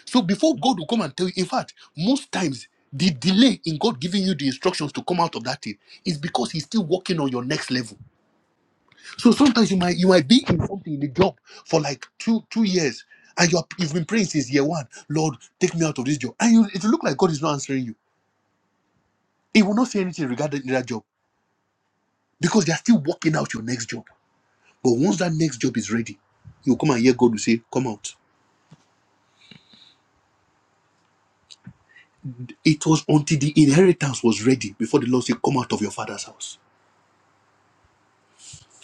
So before God will come and tell you, in fact, most times the delay in God giving you the instructions to come out of that thing is because He's still working on your next level. So sometimes you might you might be in something in the job for like two two years, and you are, you've been praying since year one, Lord, take me out of this job, and you it will look like God is not answering you. He will not say anything regarding that job because they are still working out your next job. But once that next job is ready, you come and hear God will say, Come out. It was until the inheritance was ready before the Lord said, Come out of your father's house.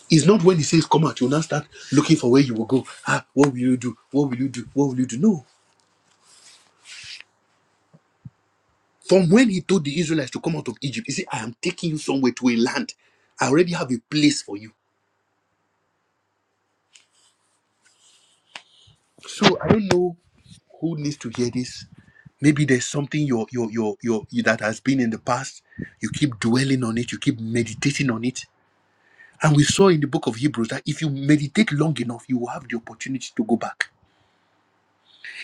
It's not when he says come out, you now start looking for where you will go. Ah, what will you do? What will you do? What will you do? No. From when he told the Israelites to come out of Egypt, he said, I am taking you somewhere to a land. I already have a place for you. So I don't know who needs to hear this. Maybe there's something your your your your that has been in the past. You keep dwelling on it, you keep meditating on it, And we saw in the book of Hebrews that if you meditate long enough, you will have the opportunity to go back.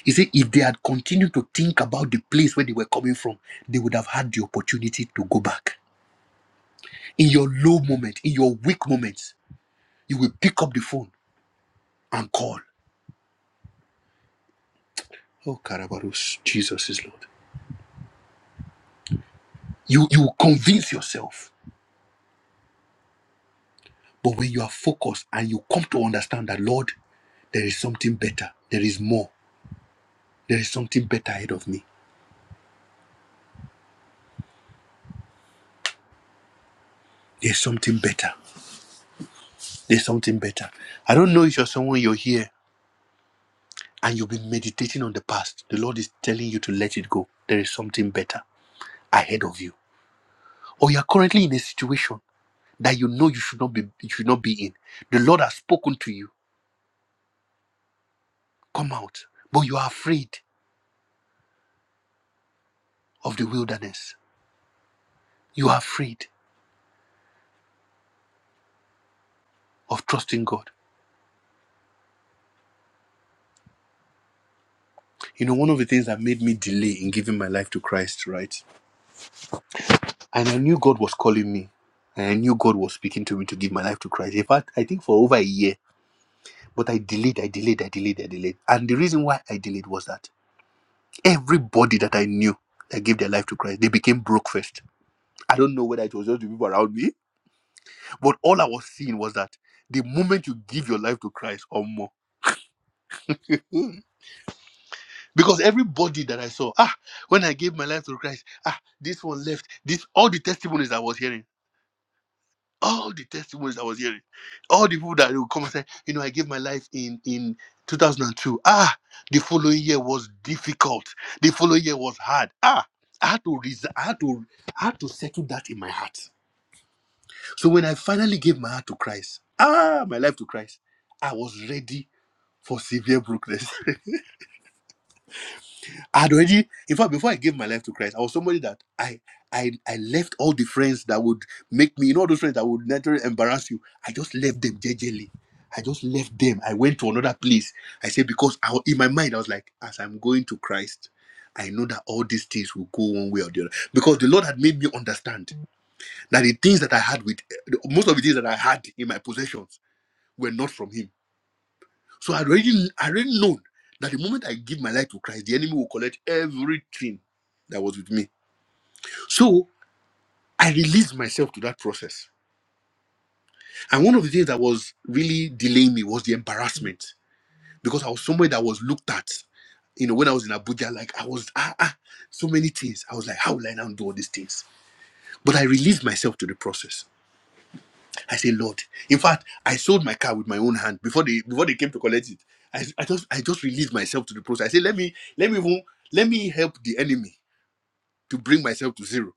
He said, if they had continued to think about the place where they were coming from, they would have had the opportunity to go back. In your low moment, in your weak moments, you will pick up the phone and call. Oh, Karabarus, Jesus is Lord. You, you will convince yourself. But when you are focused and you come to understand that, Lord, there is something better, there is more, there is something better ahead of me, there is something better. There's something better. I don't know if you're someone you're here and you've been meditating on the past. The Lord is telling you to let it go. There is something better ahead of you. Or you're currently in a situation that you know you should not be you should not be in. The Lord has spoken to you. Come out. But you are afraid of the wilderness. You are afraid of trusting God. You know, one of the things that made me delay in giving my life to Christ, right? And I knew God was calling me. And I knew God was speaking to me to give my life to Christ. In fact, I think for over a year, But I delayed, I delayed, I delayed, I delayed. And the reason why I delayed was that everybody that I knew that gave their life to Christ, they became broke first. I don't know whether it was just the people around me, but all I was seeing was that the moment you give your life to Christ or more, [laughs] because everybody that I saw, ah, when I gave my life to Christ, ah, this one left, this all the testimonies I was hearing. all the testimonies I was hearing, all the people that would come and say, you know, I gave my life in in 2002. Ah, the following year was difficult. The following year was hard. Ah, I had to res- I had to I had to settle that in my heart. So when I finally gave my heart to Christ, ah, my life to Christ, I was ready for severe brokenness. [laughs] I had already, in fact, before I gave my life to Christ, I was somebody that I I I left all the friends that would make me, you know, those friends that would naturally embarrass you. I just left them jejely. I just left them. I went to another place. I said because I, in my mind I was like, as I'm going to Christ, I know that all these things will go one way or the other because the Lord had made me understand that the things that I had with most of the things that I had in my possessions were not from Him so I already I already known that the moment I give my life to Christ, the enemy will collect everything that was with me. So I released myself to that process. And one of the things that was really delaying me was the embarrassment because I was somewhere that was looked at. You know, when I was in Abuja, like I was ah, ah so many things. I was like, how will I now do all these things? But I released myself to the process. I say, Lord. In fact, I sold my car with my own hand before they before they came to collect it. I, I just I just released myself to the process. I say, let me let me even- let me help the enemy to bring myself to zero,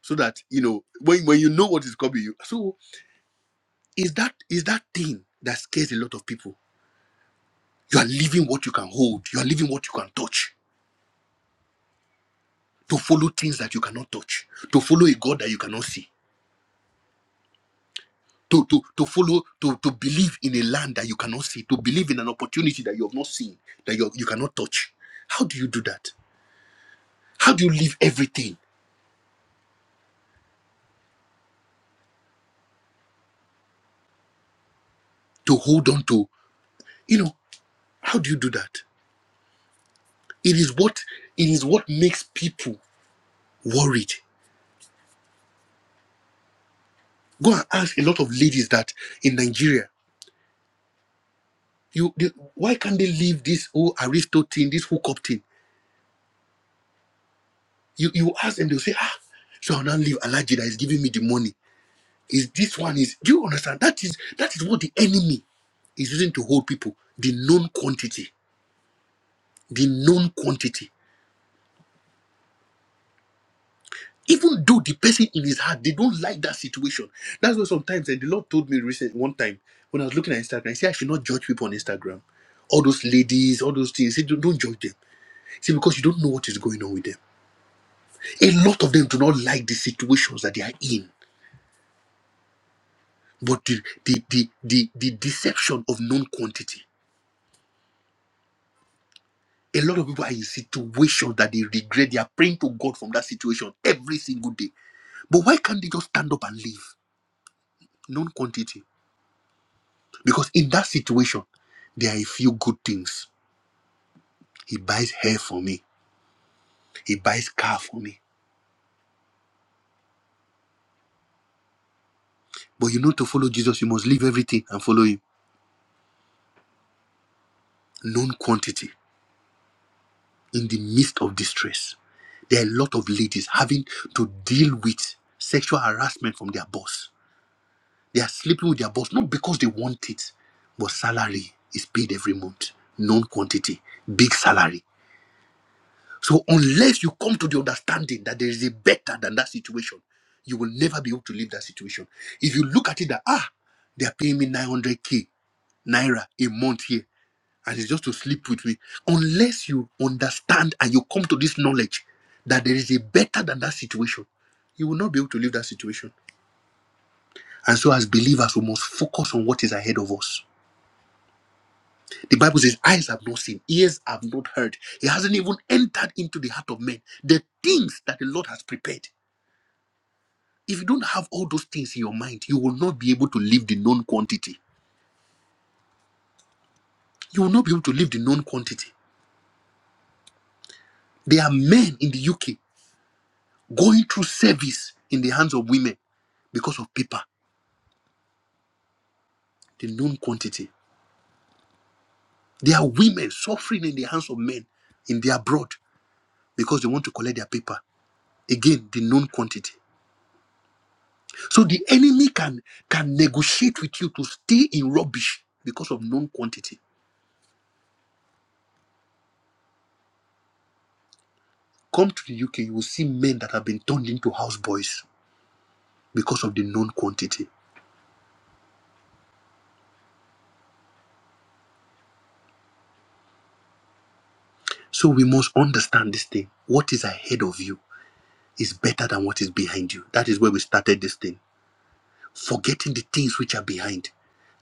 so that you know when when you know what is coming. You, so is that is that thing that scares a lot of people? You are leaving what you can hold. You are leaving what you can touch to follow things that you cannot touch. To follow a God that you cannot see. to to to follow to to believe in a land that you cannot see to believe in an opportunity that you have not seen that you you cannot touch how do you do that how do you leave everything to hold on to you know how do you do that it is what it is what makes people worried go and ask a lot of ladies that in nigeria you they, why can't they leave this whole aristo thing this hookup thing you you ask them they'll say ah so i'll not leave alaji that is giving me the money Is this one is do you understand? That is that is what the enemy is using to hold people. The known quantity. The known quantity. Even though the person in his heart, they don't like that situation. That's why sometimes and the Lord told me recent one time when I was looking at Instagram, he said I should not judge people on Instagram. All those ladies, all those things. He said, don't, don't judge them. He said, because you don't know what is going on with them. A lot of them do not like the situations that they are in. But the the the the, the deception of known quantity. A lot of people are in situations that they regret. They are praying to God from that situation every single day. But why can't they just stand up and leave? Non quantity. Because in that situation, there are a few good things. He buys hair for me, he buys car for me. But you know, to follow Jesus, you must leave everything and follow him. Non quantity. In the midst of distress, there are a lot of ladies having to deal with sexual harassment from their boss They are sleeping with their boss, not because they want it, but salary is paid every month, known quantity, big salary. So, unless you come to the understanding that there is a better than that situation, you will never be able to leave that situation. If you look at it that, ah, they are paying me 900k naira a month here, and it's just to sleep with me, unless you understand and you come to this knowledge that there is a better than that situation, you will not be able to leave that situation. And so, as believers, we must focus on what is ahead of us The Bible says, Eyes have not seen, ears have not heard. It hasn't even entered into the heart of men. The things that the Lord has prepared. If you don't have all those things in your mind, you will not be able to live the known quantity. You will not be able to live the known quantity. There are men in the UK going through service in the hands of women because of paper, the known quantity. There are women suffering in the hands of men in the abroad because they want to collect their paper. Again, the known quantity. So the enemy can can negotiate with you to stay in rubbish because of known quantity. Come to the UK, you will see men that have been turned into houseboys because of the known quantity. So we must understand this thing. What is ahead of you is better than what is behind you. That is where we started this thing. Forgetting the things which are behind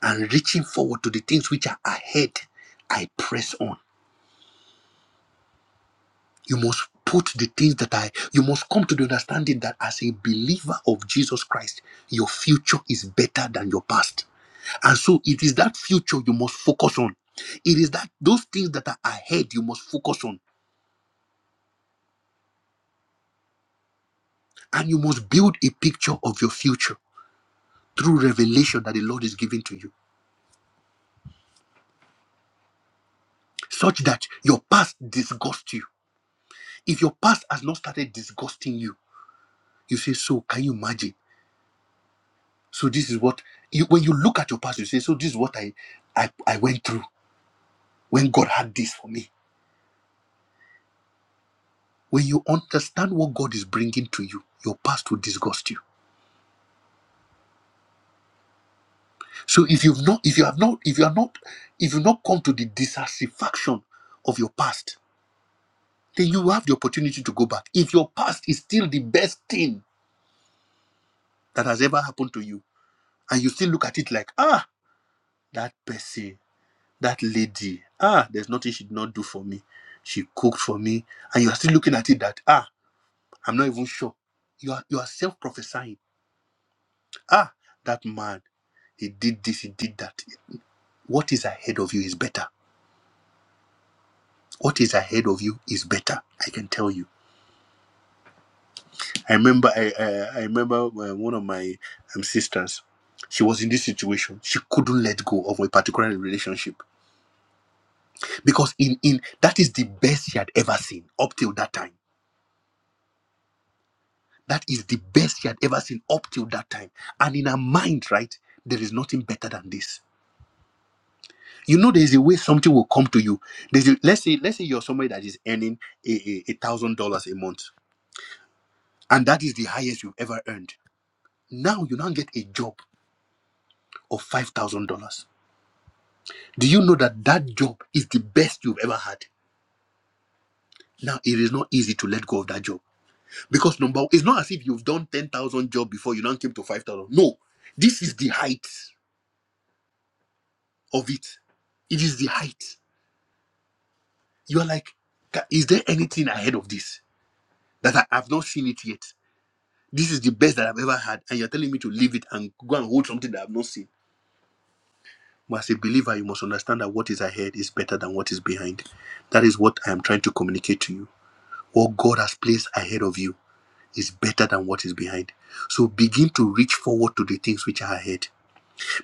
and reaching forward to the things which are ahead, I press on. You must put the things that I, you must come to the understanding that as a believer of Jesus Christ, your future is better than your past. And so it is that future you must focus on. It is that those things that are ahead you must focus on. And you must build a picture of your future through revelation that the Lord is giving to you, such that your past disgusts you. If your past has not started disgusting you, you say, So can you imagine? So this is what you when you look at your past, you say, So this is what I I, I went through. when God had this for me. When you understand what God is bringing to you, your past will disgust you. So if you've not, if you have not, if you are not, if you've not come to the dissatisfaction of your past, then you will have the opportunity to go back. If your past is still the best thing that has ever happened to you, and you still look at it like, ah, that person, that lady, ah, there's nothing she did not do for me. She cooked for me, and you are still looking at it that ah, I'm not even sure. You are you are self prophesying. Ah, that man. He did this, he did that. What is ahead of you is better. What is ahead of you is better. I can tell you. I remember, I I, I remember uh, one of my um, sisters. She was in this situation. She couldn't let go of a particular relationship because in in that is the best she had ever seen up till that time. That is the best she had ever seen up till that time. And in her mind, right, there is nothing better than this. You know, there is a way something will come to you. There's a, let's say let's say you're somebody that is earning a a- a thousand dollars a month and that is the highest you've ever earned. Now you now get a job of five thousand dollars. Do you know that that job is the best you've ever had? Now it is not easy to let go of that job because number one, it's not as if you've done ten thousand jobs before you now came to five thousand. No, this is the height of it. It is the height. You are like, "Ca- is there anything ahead of this that I have not seen it yet? This is the best that I've ever had, and you're telling me to leave it and go and hold something that I've not seen as a believer, you must understand that what is ahead is better than what is behind. That is what I am trying to communicate to you. What God has placed ahead of you is better than what is behind. So begin to reach forward to the things which are ahead.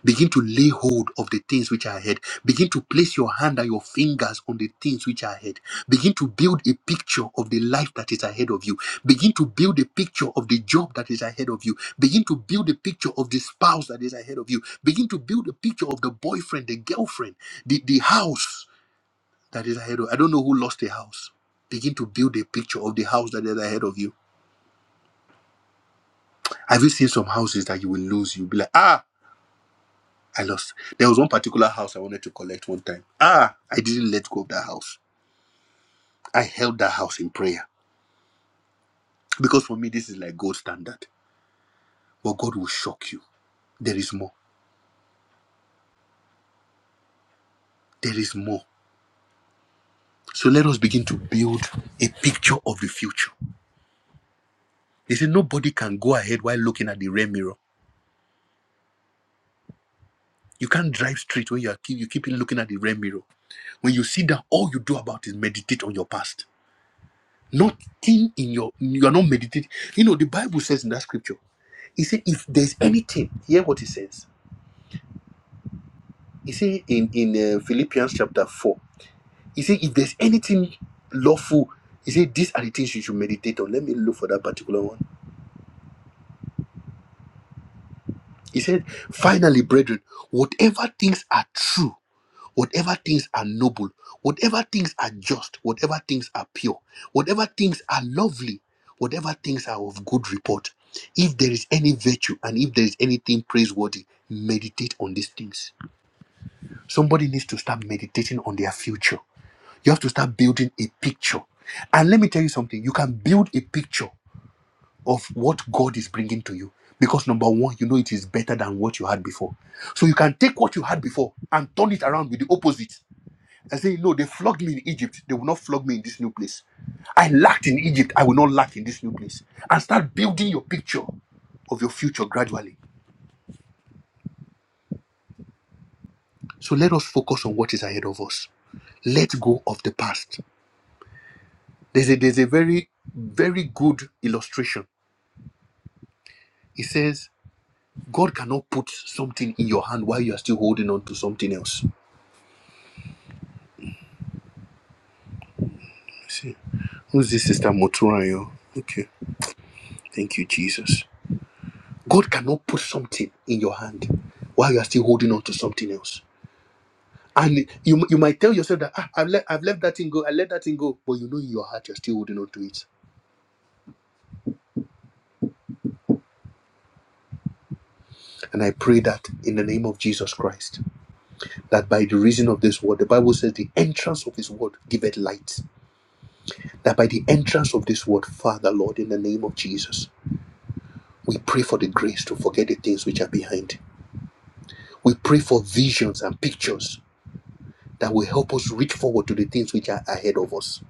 Begin to lay hold of the things which are ahead. Begin to place your hand and your fingers on the things which are ahead. Begin to build a picture of the life that is ahead of you. Begin to build a picture of the job that is ahead of you. Begin to build a picture of the spouse that is ahead of you. Begin to build a picture of the boyfriend, the girlfriend, the, the house that is ahead of I don't know who lost a house. Begin to build a picture of the house that is ahead of you. Have you seen some houses that you will lose? You'll be like, ah. I lost. There was one particular house I wanted to collect one time. Ah, I didn't let go of that house. I held that house in prayer because for me this is like gold standard. But God will shock you. There is more. There is more. So let us begin to build a picture of the future. They say nobody can go ahead while looking at the rear mirror. You can't drive straight when you are keep you keep looking at the rear mirror. When you sit down, all you do about is meditate on your past. Nothing in your you are not meditating. You know the Bible says in that scripture. He said, if there's anything, hear what he says. He said in, in uh, Philippians chapter 4, he said, if there's anything lawful, he said, these are the things you should meditate on. Let me look for that particular one. He said, finally, brethren, whatever things are true, whatever things are noble, whatever things are just, whatever things are pure, whatever things are lovely, whatever things are of good report, if there is any virtue and if there is anything praiseworthy, meditate on these things Somebody needs to start meditating on their future. You have to start building a picture. And let me tell you something you can build a picture of what God is bringing to you. Because number one, you know it is better than what you had before. So you can take what you had before and turn it around with the opposite. And say, No, they flogged me in Egypt. They will not flog me in this new place. I lacked in Egypt. I will not lack in this new place. And start building your picture of your future gradually. So let us focus on what is ahead of us. Let go of the past There's a, there's a very, very good illustration. It says, God cannot put something in your hand while you are still holding on to something else. I see. Who's this sister Moturayo? Okay. Thank you, Jesus. God cannot put something in your hand while you are still holding on to something else. And you, you might tell yourself that "Ah, I've, let, I've left that thing go, I let that thing go. But you know in your heart you're still holding on to it. And I pray that in the name of Jesus Christ, that by the reason of this word, the Bible says the entrance of his word giveth light that by the entrance of this word, Father, Lord, in the name of Jesus, we pray for the grace to forget the things which are behind. We pray for visions and pictures that will help us reach forward to the things which are ahead of us.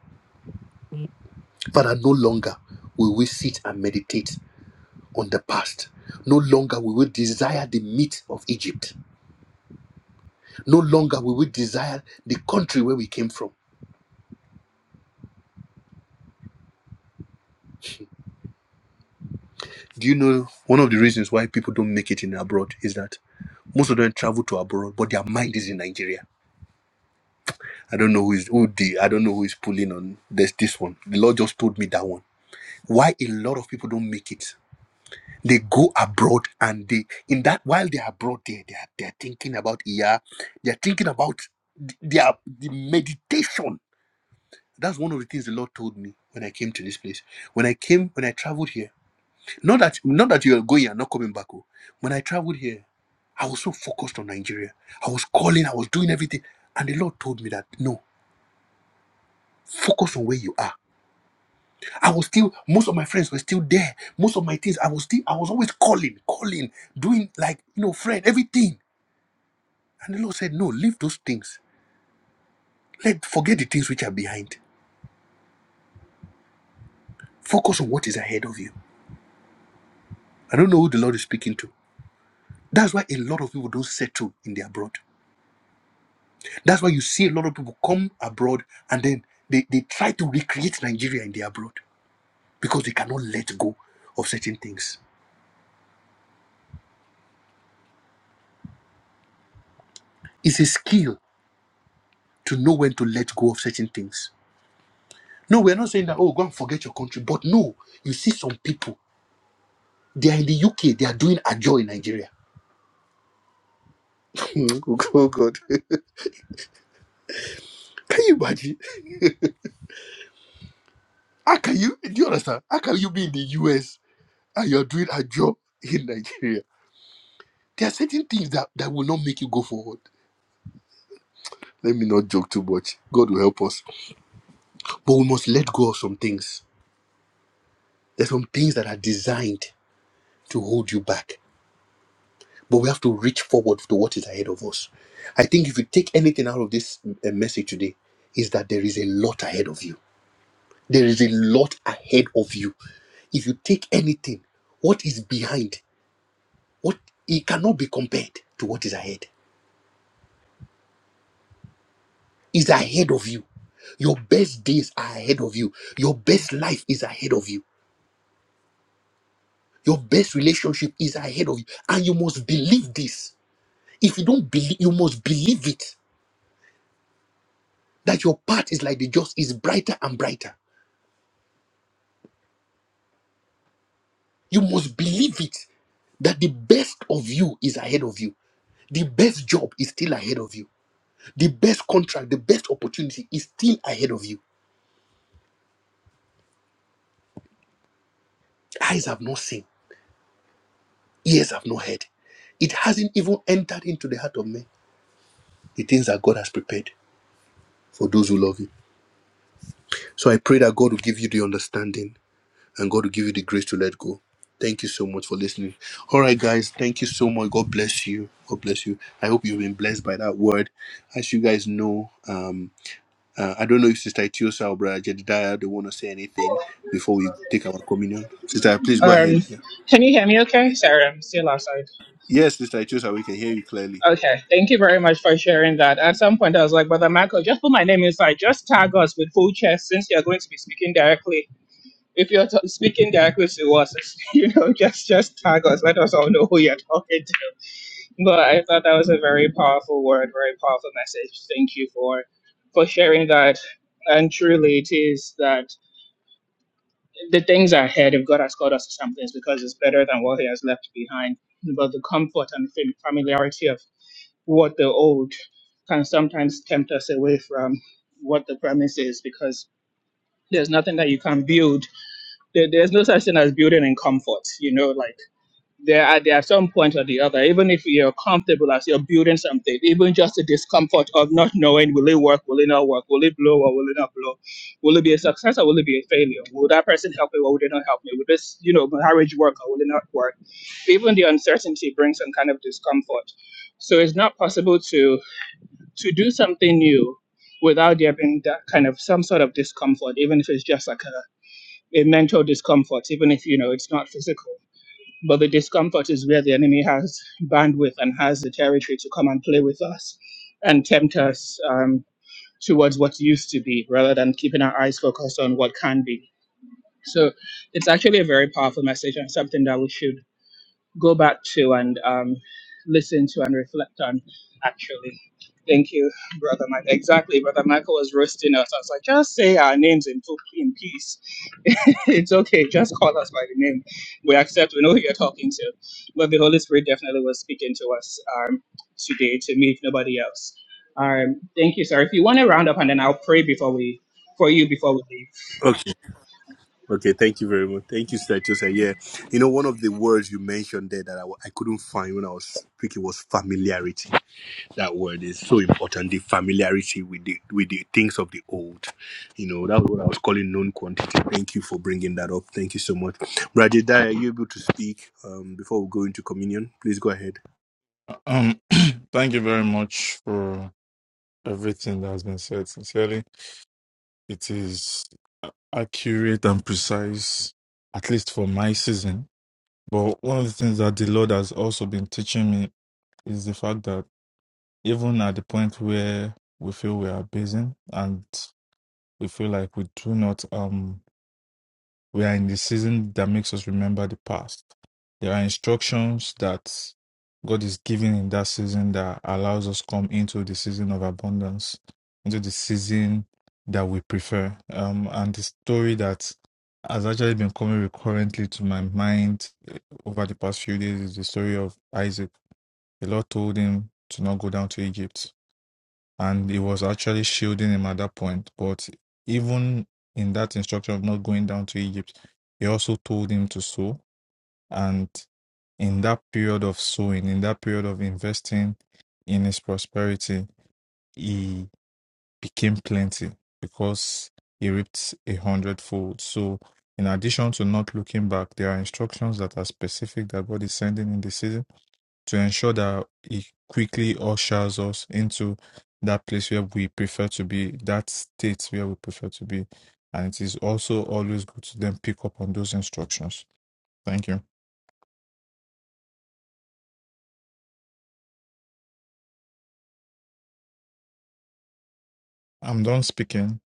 Father, no longer will we sit and meditate on the past. No longer will we desire the meat of Egypt. No longer will we desire the country where we came from. Do you know one of the reasons why people don't make it in abroad is that most of them travel to abroad, but their mind is in Nigeria I don't know who is who the I don't know who is pulling on this this one. The Lord just told me that one. Why a lot of people don't make it. They go abroad and they in that while they're abroad there they are they're thinking about yeah, they're thinking about th- their the meditation. That's one of the things the Lord told me when I came to this place. When I came, when I traveled here, not that not that you're going and not coming back. oh. When I traveled here, I was so focused on Nigeria. I was calling, I was doing everything. And the Lord told me that no, focus on where you are I was still, most of my friends were still there. Most of my things, I was still, I was always calling, calling, doing like, you know, friend, everything. And the Lord said, No, leave those things. Let forget the things which are behind. Focus on what is ahead of you. I don't know who the Lord is speaking to. That's why a lot of people don't settle in the abroad. That's why you see a lot of people come abroad and then they, they try to recreate Nigeria in the abroad because they cannot let go of certain things. It's a skill to know when to let go of certain things No, we're not saying that, oh, go and forget your country. But no, you see some people, they are in the UK, they are doing a job in Nigeria. Hmm, oh, God. oh, God. Can you imagine? How can you, do you understand? How can you be in the US and you're doing a job in Nigeria? There are certain things that, that will not make you go forward. Let me not joke too much. God will help us. But we must let go of some things. There's some things that are designed to hold you back but we have to reach forward to what is ahead of us. I think if you take anything out of this uh, message today, is that there is a lot ahead of you. There is a lot ahead of you. If you take anything, what is behind, what it cannot be compared to what is ahead. Is ahead of you. Your best days are ahead of you. Your best life is ahead of you. Your best relationship is ahead of you. And you must believe this. If you don't believe, you must believe it. That your path is like the just is brighter and brighter You must believe it that the best of you is ahead of you. The best job is still ahead of you. The best contract, the best opportunity is still ahead of you. Eyes have not seen, ears have not heard. It hasn't even entered into the heart of man. The things that God has prepared for those who love Him. So I pray that God will give you the understanding and God will give you the grace to let go. Thank you so much for listening. All right, guys. Thank you so much. God bless you. God bless you. I hope you've been blessed by that word. As you guys know, um, Uh, I don't know if Sister Itiosa or Brother Jedediah they want to say anything before we take our communion. Sister, please go ahead. Um, Yeah. can you hear me okay? Sorry, I'm still outside. Yes, Sister Itiosa, we can hear you clearly. Okay, thank you very much for sharing that. At some point, I was like, Brother Michael, just put my name inside. Just tag us with full chest since you're going to be speaking directly. If you're t- speaking directly to us, [laughs] you know, just just tag us. Let us all know who you're talking to But I thought that was a very powerful word, very powerful message. Thank you for for sharing that. And truly, it is that the things ahead, if God has called us to something, it's because it's better than what He has left behind. But the comfort and fam- familiarity of what the old can sometimes tempt us away from what the promise is, because there's nothing that you can build. There, there's no such thing as building in comfort. You know, like there are there are some point or the other, even if you're comfortable as you're building something, even just the discomfort of not knowing will it work, will it not work, will it blow or will it not blow, will it be a success or will it be a failure? Will that person help me or will they not help me? Will this, you know, marriage work or will it not work? Even the uncertainty brings some kind of discomfort. So it's not possible to to do something new without there being that kind of some sort of discomfort, even if it's just like a, a mental discomfort, even if you know it's not physical. But the discomfort is where the enemy has bandwidth and has the territory to come and play with us and tempt us um, towards what used to be rather than keeping our eyes focused on what can be. So it's actually a very powerful message and something that we should go back to and um, listen to and reflect on. Actually, thank you, brother Michael. Exactly, brother Michael was roasting us. I was like, just say our names in full, in peace. [laughs] it's okay. Just call us by the name. We accept. We know who you're talking to. But the Holy Spirit definitely was speaking to us um, today to me, if nobody else. Um, thank you, sir. If you want to round up, and then I'll pray before we for you before we leave. Okay. Okay. Thank you very much. Thank you, Sister Itiosa. Yeah. You know, one of the words you mentioned there that I, wa- I couldn't find when I was speaking was familiarity. That word is so important. The familiarity with the with the things of the old. You know, that was what I was calling known quantity. Thank you for bringing that up. Thank you so much. Brother Jedediah, are you able to speak um, before we go into communion? Please go ahead. [clears throat] thank you very much for everything that has been said. Sincerely, it is a- accurate and precise, at least for my season. But one of the things that the Lord has also been teaching me is the fact that even at the point where we feel we are basing and we feel like we do not um we are in the season that makes us remember the past. There are instructions that God is giving in that season that allows us come into the season of abundance, into the season that we prefer. Um and the story that has actually been coming recurrently to my mind eh, over the past few days is the story of Isaac. The Lord told him to not go down to Egypt and he was actually shielding him at that point. But even in that instruction of not going down to Egypt, he also told him to sow. And in that period of sowing, in that period of investing in his prosperity, he became plenty because he reaped a hundredfold. So, in addition to not looking back, there are instructions that are specific that God is sending in the season to ensure that He quickly ushers us into that place where we prefer to be, that state where we prefer to be. And it is also always good to then pick up on those instructions. Thank you. I'm done speaking.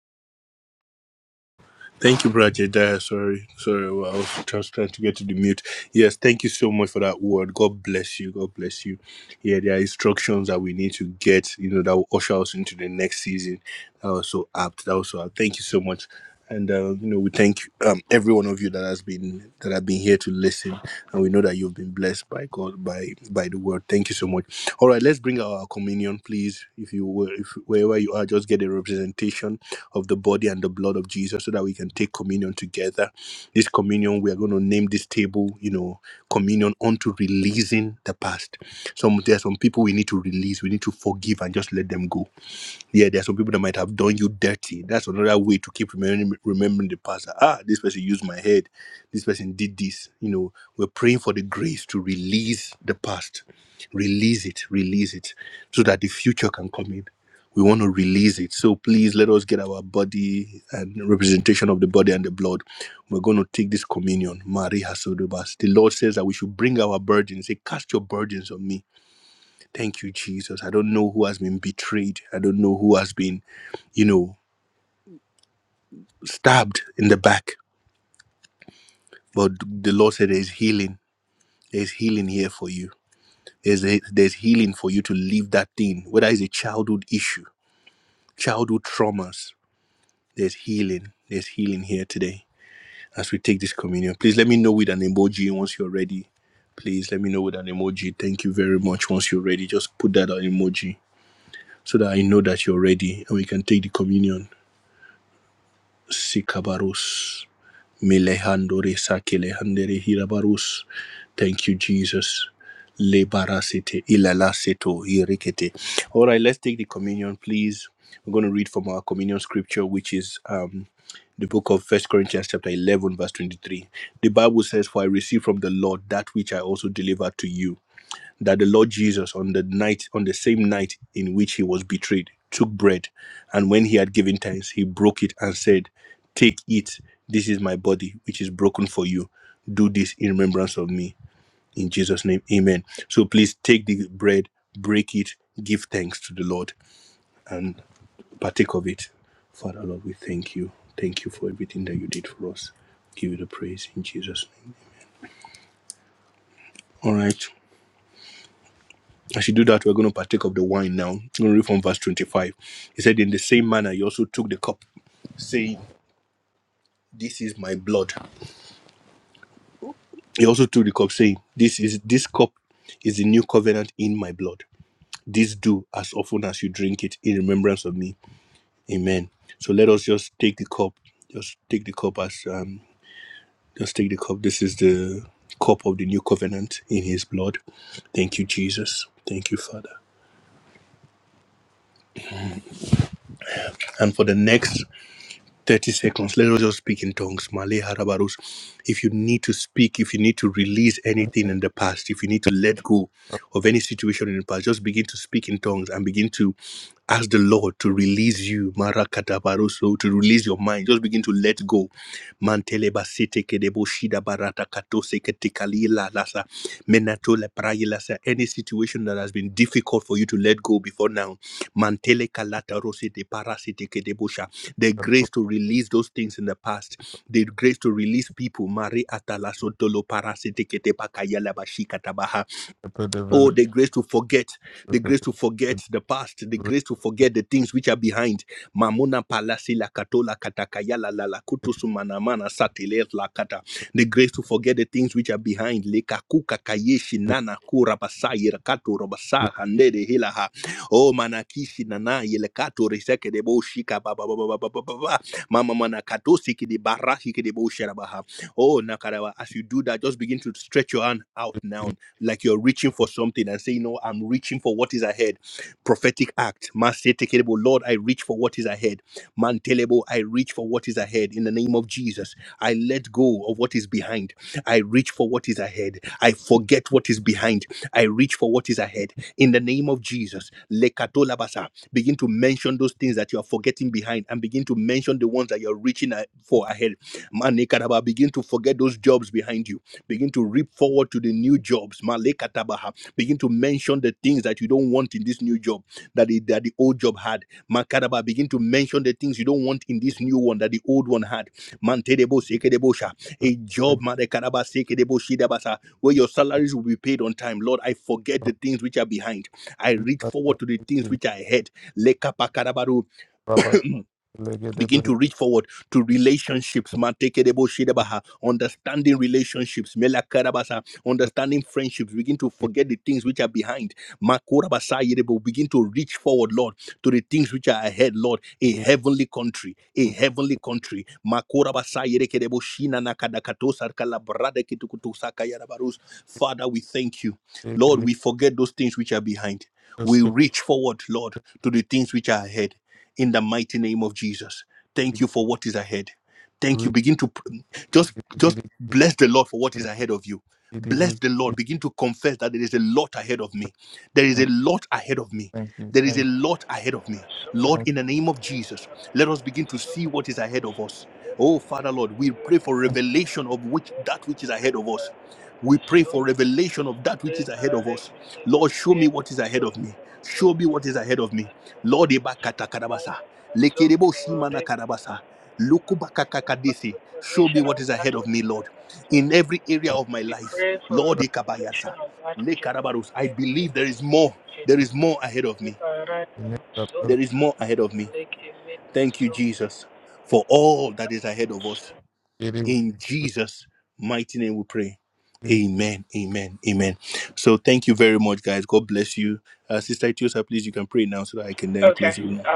Thank you, Brother Jedediah. Sorry, sorry. Well, I was just trying to get to the mute. Yes, thank you so much for that word. God bless you. God bless you. Yeah, there are instructions that we need to get, you know, that will usher us into the next season. That was so apt. That was so apt. Thank you so much. And uh, you know, we thank um, every one of you that has been that have been here to listen, and we know that you've been blessed blessed by God by by the word. Thank you so much. All right, let's bring our communion, please. If you were, if wherever you are, just get a representation of the body and the blood of Jesus, so that we can take communion together. This communion, we are going to name this table, you know, communion unto releasing the past. Some there are some people we need to release, we need to forgive and just let them go. Yeah, there are some people that might have done you dirty. That's another way to keep remembering remembering the past. Ah, this person used my head. This person did this. You know, we're praying for the grace to release the past, release it, release it, so that the future can come in. We want to release it. So please let us get our body and representation of the body and the blood. We're going to take this communion. Maria Sodobas. The Lord says that we should bring our burdens. He say, cast your burdens on me. Thank you, Jesus. I don't know who has been betrayed. I don't know who has been, you know, stabbed in the back. But the Lord said there's healing. There's healing here for you. There's, there's healing for you to leave that thing, whether it's a childhood issue, childhood traumas. There's healing. There's healing here today as we take this communion. Please let me know with an emoji once you're ready. Please let me know with an emoji. Thank you very much. Once you're ready, just put that on emoji so that I know that you're ready and we can take the communion. Sikabarus. Milehandore Sakilehandere Hirabarus. Thank you, Jesus. Lebarasete ilalaseto irikete. All right, let's take the communion, please. We're going to read from our communion scripture, which is um, the book of First Corinthians, chapter 11, verse 23. The Bible says, For I received from the Lord that which I also delivered to you that the Lord Jesus, on the night, on the same night in which he was betrayed, took bread, and when he had given thanks, he broke it and said, "Take it. This is my body, which is broken for you. Do this in remembrance of me." In Jesus' name, Amen. So please take the bread, break it, give thanks to the Lord, and partake of it. Father Lord, we thank you. Thank you for everything that you did for us. Give you the praise in Jesus' name. All right. As you do that, we're going to partake of the wine now. I'm going to read from verse 25. He said, In the same manner, he also took the cup, saying, This is my blood. He also took the cup, saying, This is this cup is the new covenant in my blood. This do as often as you drink it in remembrance of me. Amen. So let us just take the cup. Just take the cup as um just take the cup. This is the cup of the new covenant in his blood. Thank you, Jesus. Thank you, Father. And for the next 30 seconds. Let us just speak in tongues. Male harabarus. If you need to speak, if you need to release [laughs] anything in the past, if you need to let go of any situation in the past, just begin to speak in tongues and begin to ask the Lord to release you. Marakatabaruso, to release your mind. Just begin to let go. Mantele basete kedebo shida barata katose ketikali la lasa. Menatole praye lasa. Any situation that has been difficult for you to let go before now Mantele kalata rosi de parasite ke de busha. The grace to release those things in the past. The grace to release people. Mari atala sotolo parasite ke te pakaya la bashika tabaha. Oh, the grace to forget, the grace to forget the past, the grace to forget the things which are behind. Mamona palasi la katola katakaya la la la kutusu manamana satile la kata. The grace to forget the things which are behind. Lekaku kakayeshi nana kura basayi rakato robasa handere hilaha. Oh, manakishi nana yelekato reseke de boshika ba ba ba ba ba ba ba ba. ba. Mama manakatosi kidi barahi kidi boshera Oh, Nakarawa, as you do that, just begin to stretch your hand out now, like you're reaching for something and say, You know, I'm reaching for what is ahead. Prophetic act. Masetekelebo, Lord, I reach for what is ahead. Mantelebo, I reach for what is ahead. In the name of Jesus, I let go of what is behind. I reach for what is ahead. I forget what is behind. I reach for what is ahead. In the name of Jesus, Lekatolabasa, begin to mention those things that you are forgetting behind and begin to mention the ones that you're reaching a- for ahead. Manikataba, begin to forget those jobs behind you. Begin to reap forward to the new jobs. Malekatabaha. Begin to mention the things that you don't want in this new job that the, that the old job had. Makataba, begin to mention the things you don't want in this new one that the old one had. Mantedebo sekedebosha. A job, Madekataba sekedebo shidabasa, where your salaries will be paid on time. Lord, I forget the things which are behind. I reach forward to the things which are ahead. Lekapakadabaru Thank begin to reach forward to relationships matekedebo shedebaha, understanding relationships melakarabasa understanding friendships begin to forget the things which are behind makorabasa yedebo begin to reach forward lord to the things which are ahead lord a heavenly country a heavenly country makorabasa yedekedebo shina nakadakatosa kalabrada kitukutusa kayarabarus. father we thank you lord we forget those things which are behind we reach forward lord to the things which are ahead in the mighty name of Jesus. Thank you for what is ahead. Thank you. Begin to pr- just just bless the Lord for what is ahead of you. Bless the Lord. Begin to confess that there is a lot ahead of me. There is a lot ahead of me. you. There is a Thank lot ahead of me. you. Lord, in the name of Jesus, let us begin to see what is ahead of us. Oh, Father Lord, we pray for revelation of which that which is ahead of us. We pray for revelation of that which is ahead of us. Lord, show me what is ahead of me. Show me what is ahead of me. Lord Ibakata Karabasa. Lekerebo Shimana Karabasa. Lukubakakakadisi. Show me what is ahead of me, Lord. In every area of my life. Lord Ikabayasa. Lekarabarus. I believe there is more. There is more ahead of me. There is more ahead of me. Thank you, Jesus, for all that is ahead of us. In Jesus' mighty name we pray. Amen. Amen. Amen. So thank you very much, guys. God bless you. Uh, Sister Tiosa, please, you can pray now so that I can then close the room.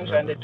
Amen.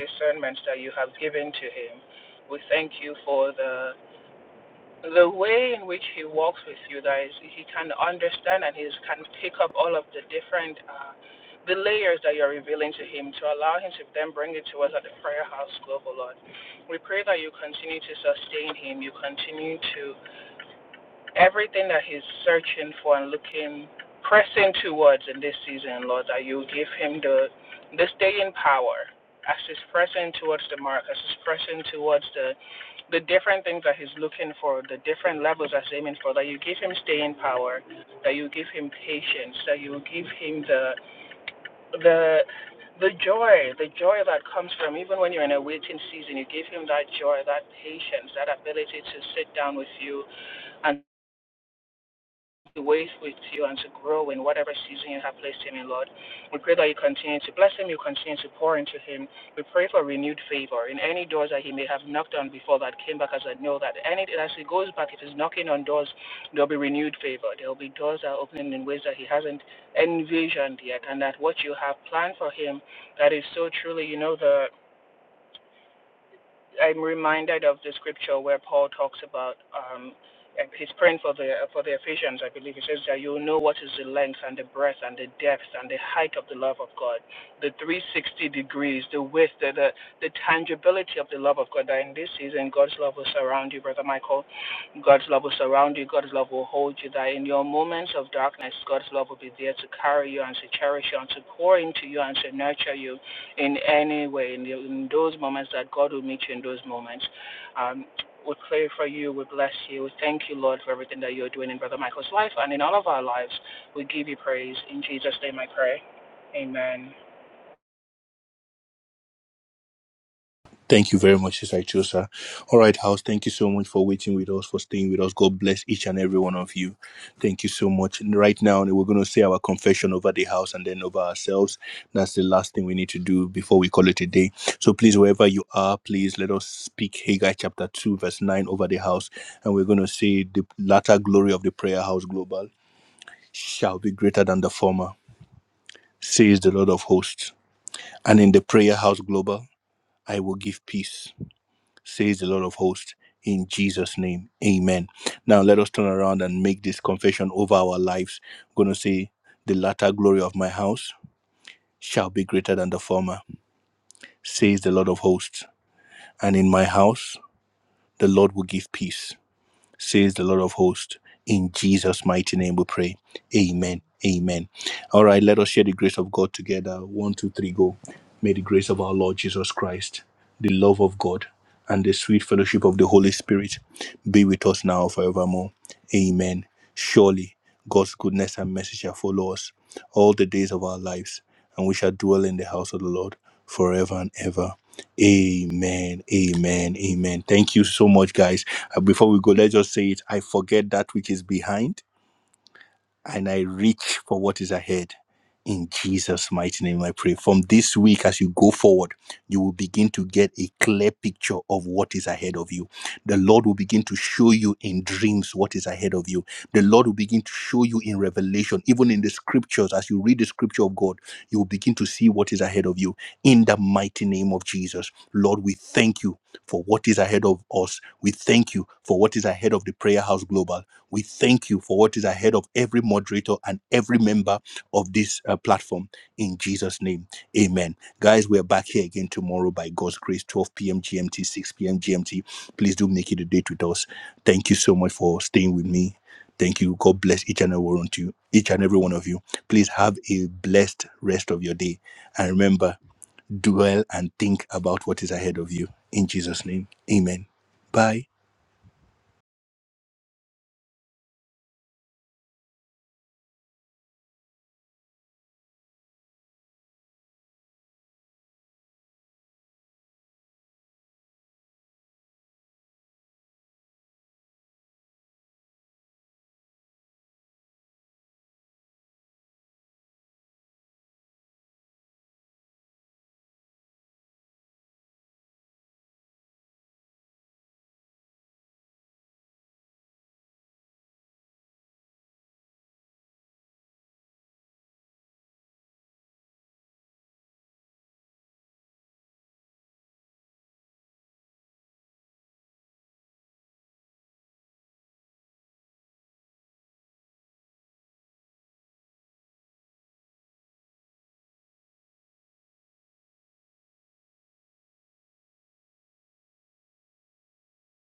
Thank you very much, Sister Chosa. All right, house, thank you so much for waiting with us, for staying with us. God bless each and every one of you. Thank you so much. And right now, we're going to say our confession over the house and then over ourselves. That's the last thing we need to do before we call it a day. So please, wherever you are, please let us speak Haggai chapter 2, verse 9 over the house. And we're going to say the latter glory of the prayer house global shall be greater than the former, says the Lord of hosts. And in the prayer house global, I will give peace says the Lord of hosts, in Jesus' name. Amen. Now let us turn around and make this confession over our lives. I'm going to say, The latter glory of my house shall be greater than the former, says the Lord of hosts. And in my house, the Lord will give peace says the Lord of hosts. In Jesus' mighty name we pray. Amen. Amen. All right, let us share the grace of God together. One, two, three, go. May the grace of our Lord Jesus Christ, the love of God, and the sweet fellowship of the Holy Spirit be with us now forevermore. Amen. Surely God's goodness and mercy shall follow us all the days of our lives, and we shall dwell in the house of the Lord forever and ever. Amen. Amen. Amen. Thank you so much, guys. Uh, Before we go, let's just say it I forget that which is behind and I reach for what is ahead. In Jesus' mighty name, I pray. From this week, as you go forward, you will begin to get a clear picture of what is ahead of you. The Lord will begin to show you in dreams what is ahead of you. The Lord will begin to show you in revelation, even in the scriptures. As you read the scripture of God, you will begin to see what is ahead of you. In the mighty name of Jesus, Lord, we thank you for what is ahead of us. We thank you for what is ahead of the Prayer House Global. We thank you for what is ahead of every moderator and every member of this uh, platform. In Jesus' name, amen. Guys, we are back here again tomorrow by God's grace, 12 p.m. GMT, 6 p.m. GMT. Please do make it a date with us. Thank you so much for staying with me. Thank you. God bless each and every one of you, each and every one of you. Please have a blessed rest of your day. And remember, dwell and think about what is ahead of you. In Jesus' name, amen. Bye.